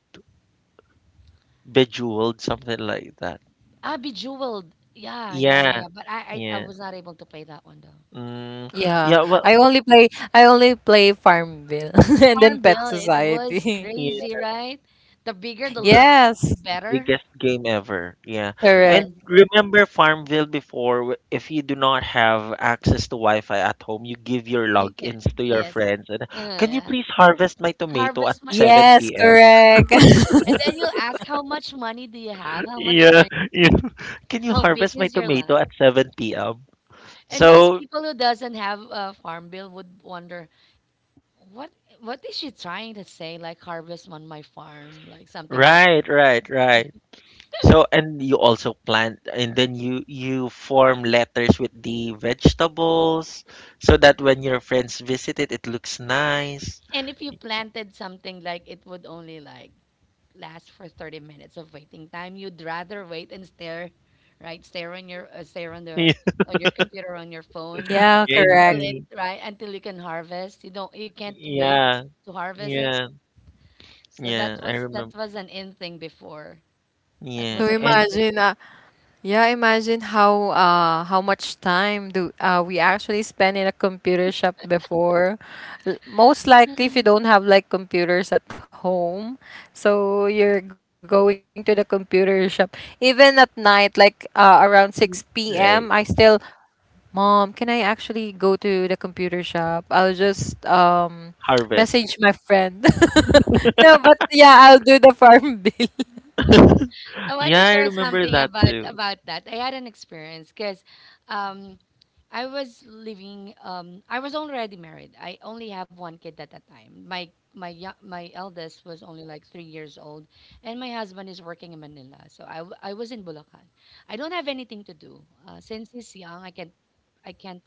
Bejeweled, something like that. Ah, Bejeweled. Yeah, yeah, yeah, Yeah, yeah. But I yeah. was not able to play that one though. Mm, I was Yeah. not yeah, I able. well, only play I only play Farmville and then Farmville. Pet It was Society. crazy, yeah, right? The bigger the the lot, Yes, the better. biggest game ever. Yeah. Yes, correct. And remember Farmville before, if you do not have access to Wi-Fi at home, you give your you can. logins to your Yes. friends and can you Yeah. please harvest my tomato Harvest at my. Yes, 7 p.m.? correct. And then you'll ask how much money do you have? How much Yeah, earn? yeah. Can you How big harvest my is your tomato lot? at 7 p.m.? And those So people who doesn't have a farm bill would wonder what what is she trying to say like harvest on my farm like something like. right, right, right. So and you also plant and then you form letters with the vegetables so that when your friends visit it looks nice. And if you planted something like it would only like last for 30 minutes of waiting time, you'd rather wait and stare right, stare on your stare on the Yeah, on your computer on your phone Yeah, and, until correct. it right until you can harvest, you don't you can't wait yeah, to harvest it. yeah, So yeah, I that remember. was an in thing before. That Yeah, So was a and crazy imagine, thing. Yeah, imagine how, how much time do, we actually spend in a computer shop before. Most likely if you don't have like computers at home, so you're going to the computer shop even at night, like, around 6 p.m. I right, still, "Mom, can I actually go to the computer shop? I'll just, harvest. message my friend." No, but yeah, I'll do the farm bill. I want to Yeah, I share remember something that too. about that. I had an experience because I was living. I was already married. I only have one kid at a time. My eldest was only like 3 years old, and my husband is working in Manila. So I, I was in Bulacan. I don't have anything to do since he's young. I can't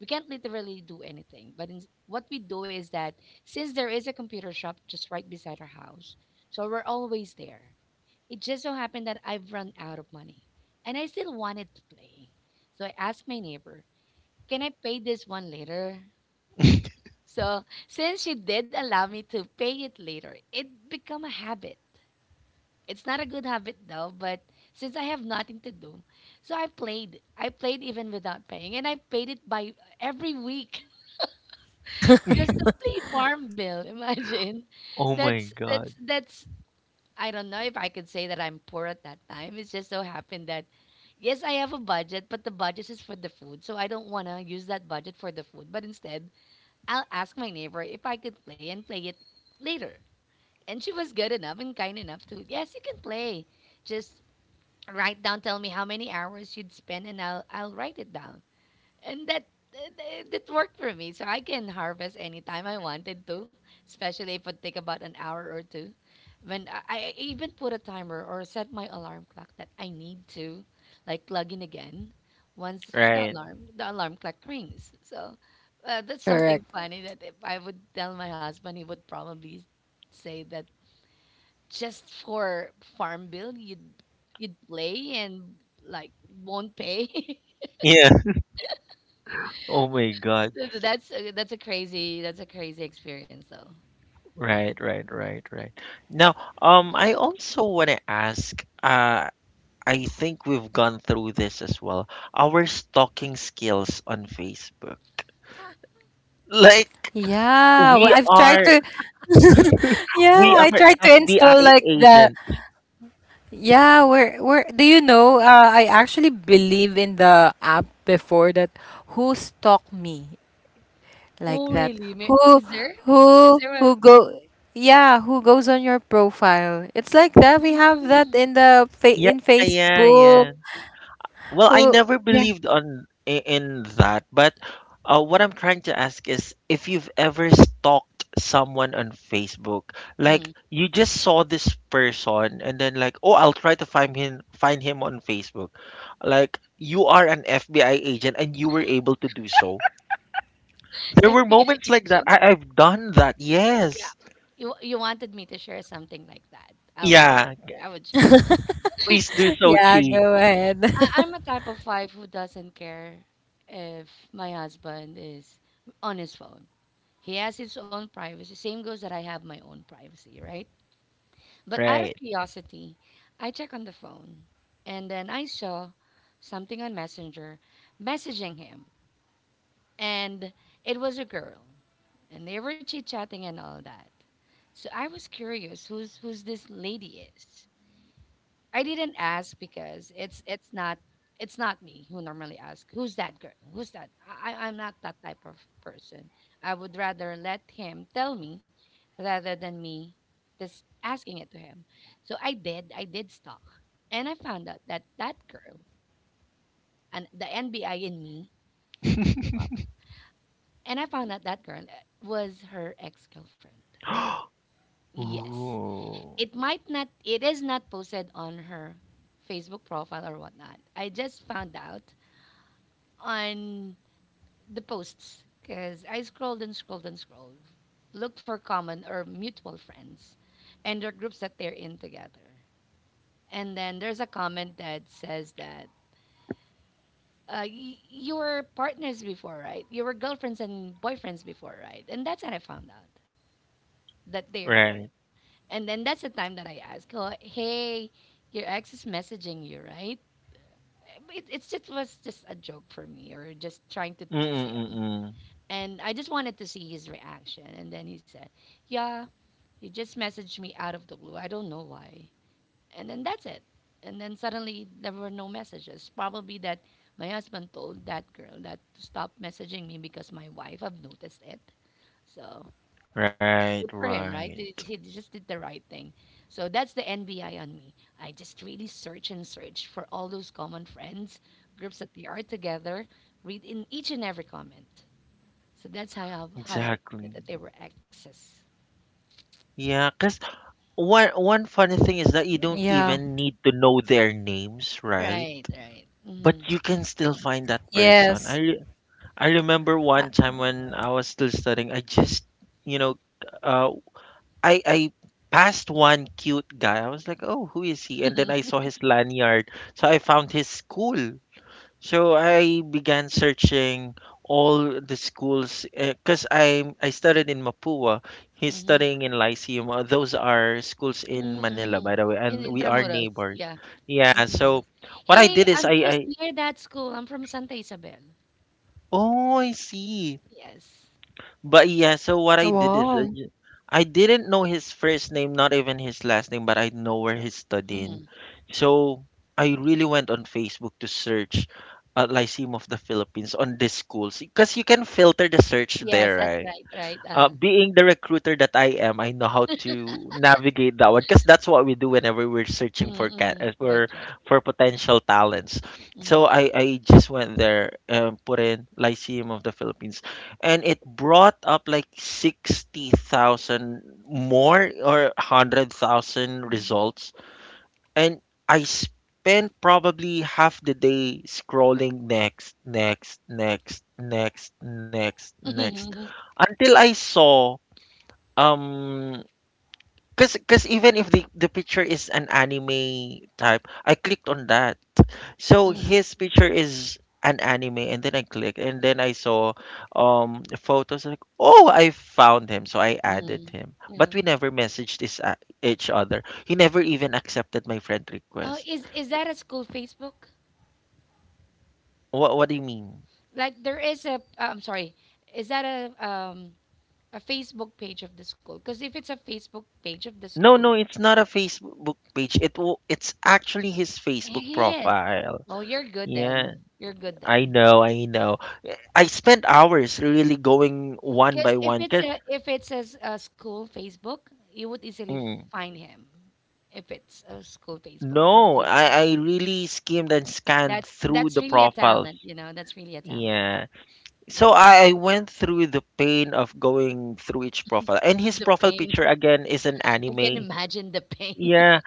we can't literally do anything. But in, what we do is that since there is a computer shop just right beside our house, so we're always there. It just so happened that I've run out of money, and I still wanted to play. So I asked my neighbor, can I pay this one later? So since she did allow me to pay it later, it become a habit. It's not a good habit though, but since I have nothing to do, so I played. I played even without paying, and I paid it by every week just to play farm bill. Imagine, Oh my that's god. that's. I don't know if I could say that I'm poor at that time. It's just so happened that yes, I have a budget, but the budget is for the food, so I don't want to use that budget for the food. But instead, I'll ask my neighbor if I could play and play it later. And she was good enough and kind enough to, yes, you can play. Just write down, tell me how many hours you'd spend, and I'll write it down and that that that worked for me so I can harvest anytime I wanted to, especially if it take about an hour or two. When I even put a timer or set my alarm clock that I need to like plug in again once the Right. alarm the alarm clock rings. So that's something Correct. funny that if I would tell my husband he would probably say that just for farm bill you'd you'd play and like won't pay. Yeah. Oh my god. That's a crazy, that's a crazy experience though. Right, right, right, right. Now, I also want to ask. I think we've gone through this as well. Our stalking skills on Facebook. Like Yeah, well, we I've tried are to. Yeah, we I are tried to install FBI like the. agents. Yeah, where do you know? I actually believe in the app before that. Who stalk me like Oh that? really? Who Is who there a who go? Yeah, who goes on your profile? It's like that. We have that mm, in the fa Yeah, in yeah, Facebook. yeah. Well, I Who? never Yeah. believed in that, but what I'm trying to ask is if you've ever stalked someone on Facebook, mhm. like you just saw this person and then like, oh, I'll try to find him on Facebook. Like you are an FBI agent and you were able to do so. There were FBI moments like that. agent? I've done that. Yeah. Yes. You wanted me to share something like that. I want Yeah. I would share. Please do so, Yeah. Chi. Go ahead. I, I'm a type of wife who doesn't care if my husband is on his phone. He has his own privacy. Same goes that I have my own privacy, right? But out of Right. curiosity, I check on the phone and then I saw something on Messenger messaging him. And it was a girl. And they were chit chatting and all that. So I was curious who's who's this lady is. I didn't ask because it's not me who normally ask who's that girl who's that I'm not that type of person. I would rather let him tell me rather than me just asking it to him. So I did stalk and I found out that that girl and the NBI in me came up, and I found out that girl was her ex girlfriend. Yes, Ooh. it might not, it is not posted on her Facebook profile or whatnot. I just found out on the posts because I scrolled and scrolled and scrolled. Look for common or mutual friends and their groups that they're in together. And then there's a comment that says that you were partners before, right? You were girlfriends and boyfriends before, right? And that's when I found out that they were. Right. And then that's the time that I asked, oh, hey, your ex is messaging you, right? It, it's just was just a joke for me or just trying to tease him. Mm-mm-mm. And I just wanted to see his reaction. And then he said, yeah, he just messaged me out of the blue. I don't know why. And then that's it. And then suddenly there were no messages. Probably that my husband told that girl that to stop messaging me because my wife have noticed it. So good Right, for him, right? right. He just did the right thing. So that's the NBI on me. I just really search and search for all those common friends, groups that they are together, read in each and every comment. So that's how I found it Exactly. that they were exes. Yeah, cause one funny thing is that you don't Yeah. even need to know their names, right? Right, right. But Mm-hmm. you can still find that Yes. person. I remember Uh, one time when I was still studying, I just, you know, uh I passed one cute guy. I was like, "Oh, who is he?" And then I saw his lanyard. So I found his school. So I began searching all the schools because I studied in Mapua. He's Mm-hmm. studying in Lyceum. Those are schools in Manila, Mm-hmm. by the way, In and we are Intramuros. neighbors. Yeah, Yeah. So Intramuros. what I Hey, did is I'm I just I near that school. I'm from Santa Isabel. oh I see. Yes. But yeah, so what I did Wow. is I didn't know his first name, not even his last name, but I know where he's studying. Mm-hmm. So I really went on Facebook to search Lyceum of the Philippines on these schools because you can filter the search there, Yes, that's right? right, right. Uh, being the recruiter that I am, I know how to navigate that one because that's what we do whenever we're searching for mm-hmm, cat mm-hmm. Right, right. for potential talents. Mm-hmm. So I just went there and put in Lyceum of the Philippines, and it brought up like 60,000 more or 100,000 results, and I spent probably half the day scrolling next, next, next, next, next, next Mm-hmm. until I saw um, cause even if the picture is an anime type, I clicked on that. So his picture is an anime, and then I clicked, and then I saw photos like, oh, I found him, so I added Mm-hmm. him. Yeah. But we never messaged this each other. He never even accepted my friend Oh, request. Is that a school Facebook? What do you mean? Like there is a, I'm sorry, is that a Facebook page of the school. Because if it's a Facebook page of the No, school, no, it's not a Facebook page. It's actually his Facebook yes. profile. Well, you're good Yeah, then. You're good I then. know, I know. I spent hours really going one Because by if one it's because a if it's a school Facebook, you would easily mm, find him. If it's a school Facebook or no, I, Facebook I page, really skimmed and scanned through that's the really a profiles. talent. You know, that's really a talent. Yeah. So I went through the pain of going through each profile. And his The profile pain. picture again is an I can anime. imagine the pain. Yeah,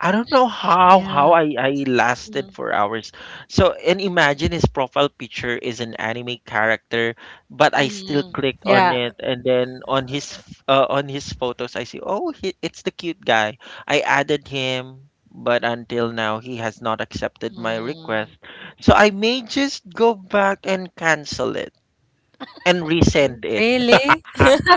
I don't know how Yeah. how I, I lasted Mm, for hours. So and imagine his profile picture is an anime character, but I still mm, clicked on Yeah. it, and then on his on his photos I see oh it's the cute guy. I added him, but until now he has not accepted my request. mm. So I may just go back and cancel it and resend it. Really?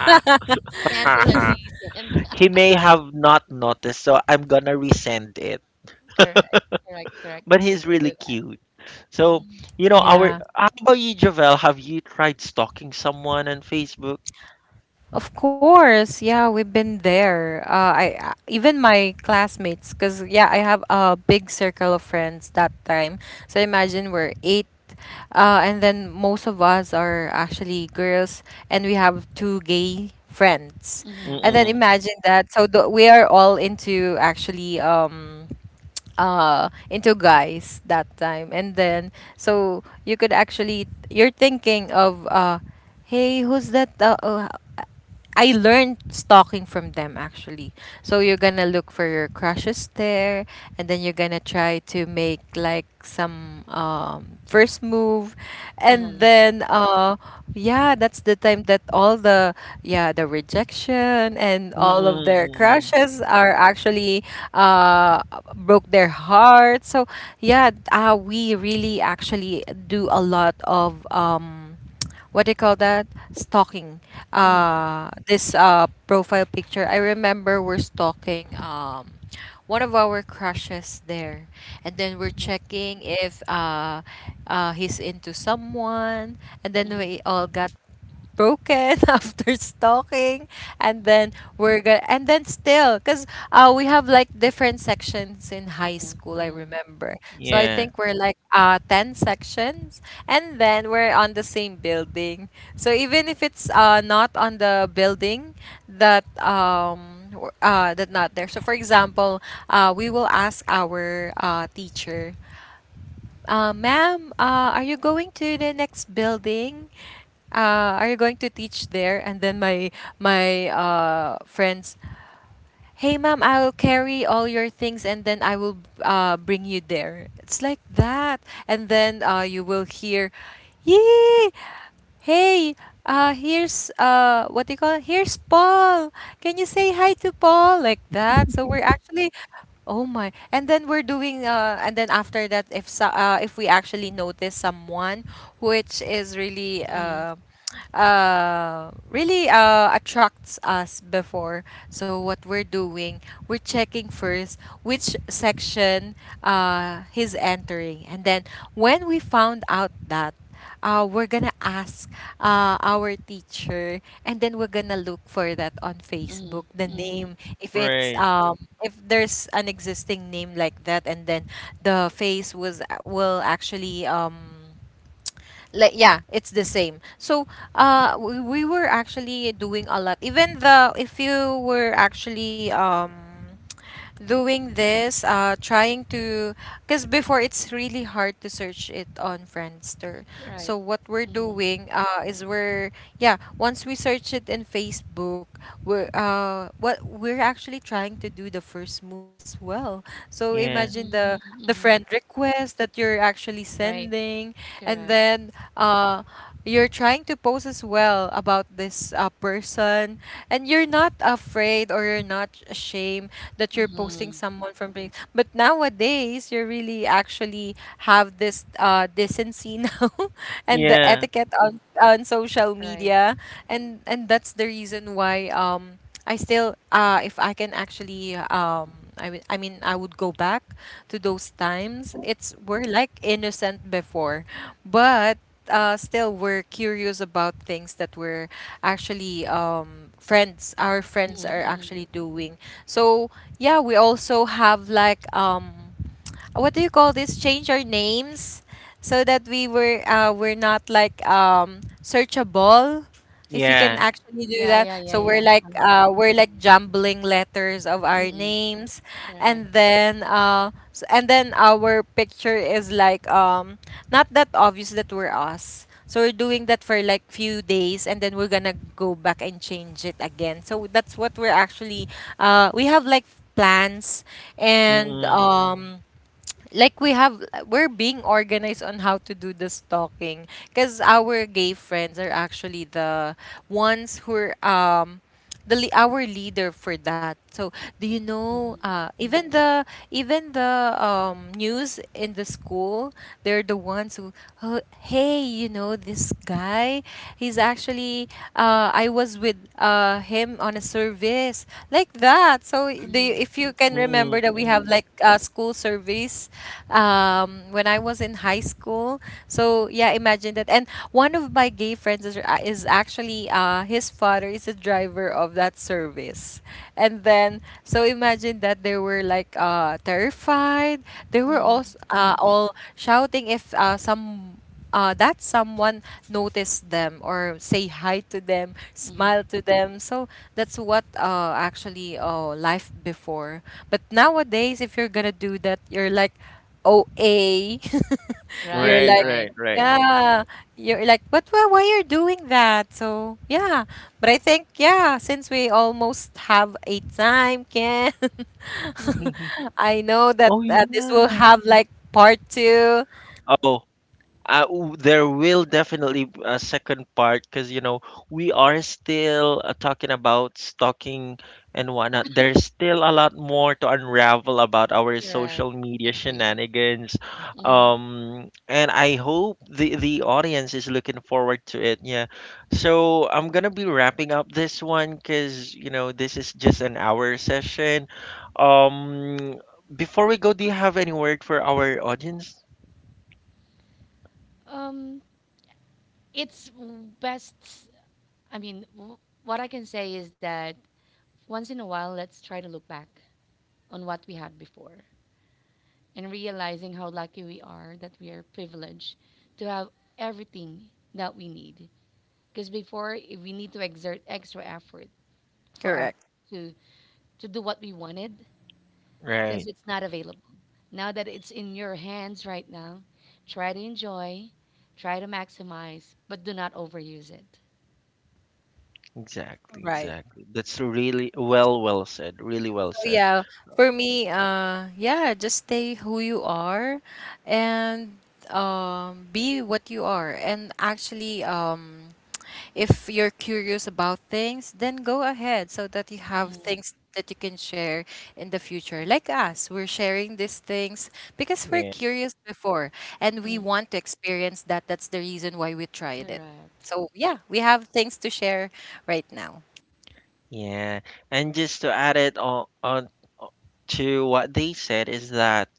Cancel and resend. He may have not noticed, so I'm gonna resend it. Correct, correct, correct. But You he's can do really cute. that. So, Mm-hmm. you know, our how Yeah. about you, Javel? Have you tried stalking someone on Facebook? Of course. Yeah, we've been there. I even my classmates, cause yeah, I have a big circle of friends that time. So imagine we're eight, and then most of us are actually girls, and we have two gay friends. And then Mm-mm. imagine that. So we are all into, actually. Uh, into guys that time, and then so you could actually, you're thinking of, hey, who's that, I learned stalking from them actually. So you're gonna look for your crushes there, and then you're gonna try to make like some, first move, and Uh-huh. then, yeah, that's the time that all the, yeah, the rejection, and Mm-mm. all of their Mm-mm. crushes are actually, uh, broke their heart. So yeah, we really actually do a lot of. What do you call that, stalking, Mhm, this, profile picture. I remember we're stalking, one of our crushes there, and then we're mhm, checking if, he's into someone, and then mhm, we all got broken after stalking, and then we're gonna, and then still, because, we have like different sections in high uh-huh, school, I uh-huh. remember. So I Yeah. think we're like, 10 sections, and then we're on the same building. So even if it's, not on the building, that, that, not there, so for example, we will ask our, teacher, "Ma'am, are you going to the next building? Are you going to teach there?" And then my, friends, "Hey, ma'am, I'll carry all your things, and then I will, bring you there." It's like that. And then, you will hear, "Yee, hey, here's, what do you call it? Here's Paul. Can you say hi to Paul?" Like that. So we're actually, "Oh my!" And then we're doing, and then after that, if we actually notice someone which is really, Mhm, really, attracts us before. So what we're doing, we're checking first which section, he's entering, and then when we found out that, we're gonna ask, our teacher, and then we're gonna look for that on Facebook, mhm, the mhm. name, if it's, Right. If there's an existing name like that, and then the face was, will actually, like, yeah, it's the same. So, we were actually doing a lot, even the, if you were actually, doing this, trying to, because before it's really hard to search it on Friendster. So Right. what we're Mhm. doing, is we're, yeah, once we search it in Facebook, we're, what we're actually trying to do the first move as well. So imagine Yeah. the Mm, the friend mhm. request that you're actually Right. sending, and Correct. then, uh, you're trying to post as well about this, person, and you're not afraid, or you're not ashamed that you're posting Mhm. someone from place. But nowadays, you really actually have this, decency now, and the Yeah. etiquette on social Right. media, and that's the reason why, I still, if I can actually, I I mean, I would go back to those times. It's, we're like innocent before, but, still we're curious about things that we're actually, friends our friends Mhm, are mhm. actually doing, so yeah, we also have like, what do you call this, change our names, so that we were, we're not like, searchable. If you can Yeah. actually do Yeah, that, yeah, so yeah, we're yeah. like Uh-huh. uh, we're like jumbling letters of our Mhm. names, Correct. and then, and then our picture is like, not that obvious that we're us. So we're doing that for like few days, and then we're gonna go back and change it again. So that's what we're actually, we have like plans, and, Mm-mm. Like we're being organized on how to do the stalking, because our gay friends are actually the ones who are, our leader for that, so do you know, Mhm, even the, even the news in the school, they're the ones who, "Oh, hey, you know this guy, he's actually, I was with, him on a service," like that. So the, mhm, if you can remember, Mm-mm. that we Mm-mm. have like, school service, when I was in high school. So yeah, imagine that. And one of my gay friends is, actually, his father is a driver of that service. And then so imagine that they were like, terrified. They were mhm, all, mhm, shouting, if, some that someone notice them, or say hi to them, smile mhm. to them. So that's what, actually, life before. But nowadays, if you're gonna do that, you're like OA. Right, You're Right. like, right. Right. Right. Right, yeah, right. you're like, "But why you're doing that?" So yeah, but I think, yeah, since we almost have a time, Ken, I know that, oh this will yeah. have like part two. Oh. There will definitely a second part because you know we are still talking about stalking and whatnot. There's still a lot more to unravel about our Correct. social media Agree. shenanigans, Mhm. And I hope the audience is looking forward to it. Yeah, so I'm gonna be wrapping up this one because you know this is just an hour session. Um, before we go, do you have any word for our audience? Um, it's best. I mean, what I can say is that once in a while, let's try to look back on what we had before and realizing how lucky we are that we are privileged to have everything that we need. Because before, we need to exert extra effort for us Correct. to, to do what we wanted because Right. it's not available. Now that it's in your hands right now, try to enjoy, try to maximize, but do not overuse it. Exactly, Right. exactly. That's really well, well said. Really well Oh, said. yeah. For me, yeah, just stay who you are, and, be what you are. And actually, if you're curious about things, then go ahead, so that you have Mhm, things that you can share in the future. Like us, we're sharing these things because we're Yeah, curious before, and we mm, want to experience that. That's the reason why we tried it. correct. So, yeah, we have things to share right now. yeah. And just to add it on o- to what they said is that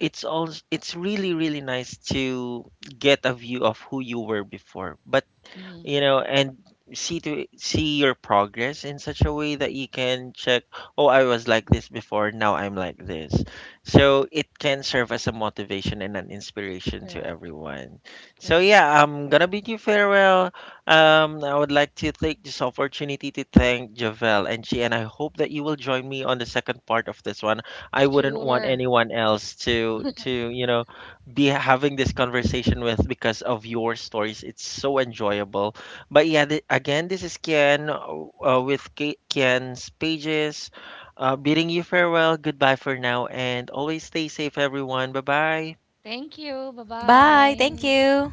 it's really, really nice to get a view of who you were before, but Mhm, you know and see to see your progress in such a way that you can check oh I was like this before now I'm like this so it can serve as a motivation and an inspiration to correct. everyone. So Correct. yeah I'm gonna bid you farewell. I would like to take this opportunity to thank Javel and She and I hope that you will join me on the second part of this one. I wouldn't want Sure. anyone else to you know be having this conversation with because of your stories. It's so enjoyable but yeah, again, this is Kian with Kian's Pages. Bidding you farewell, goodbye for now, and always stay safe, everyone. Bye bye. Thank you. Bye Bye. Thank bye. you.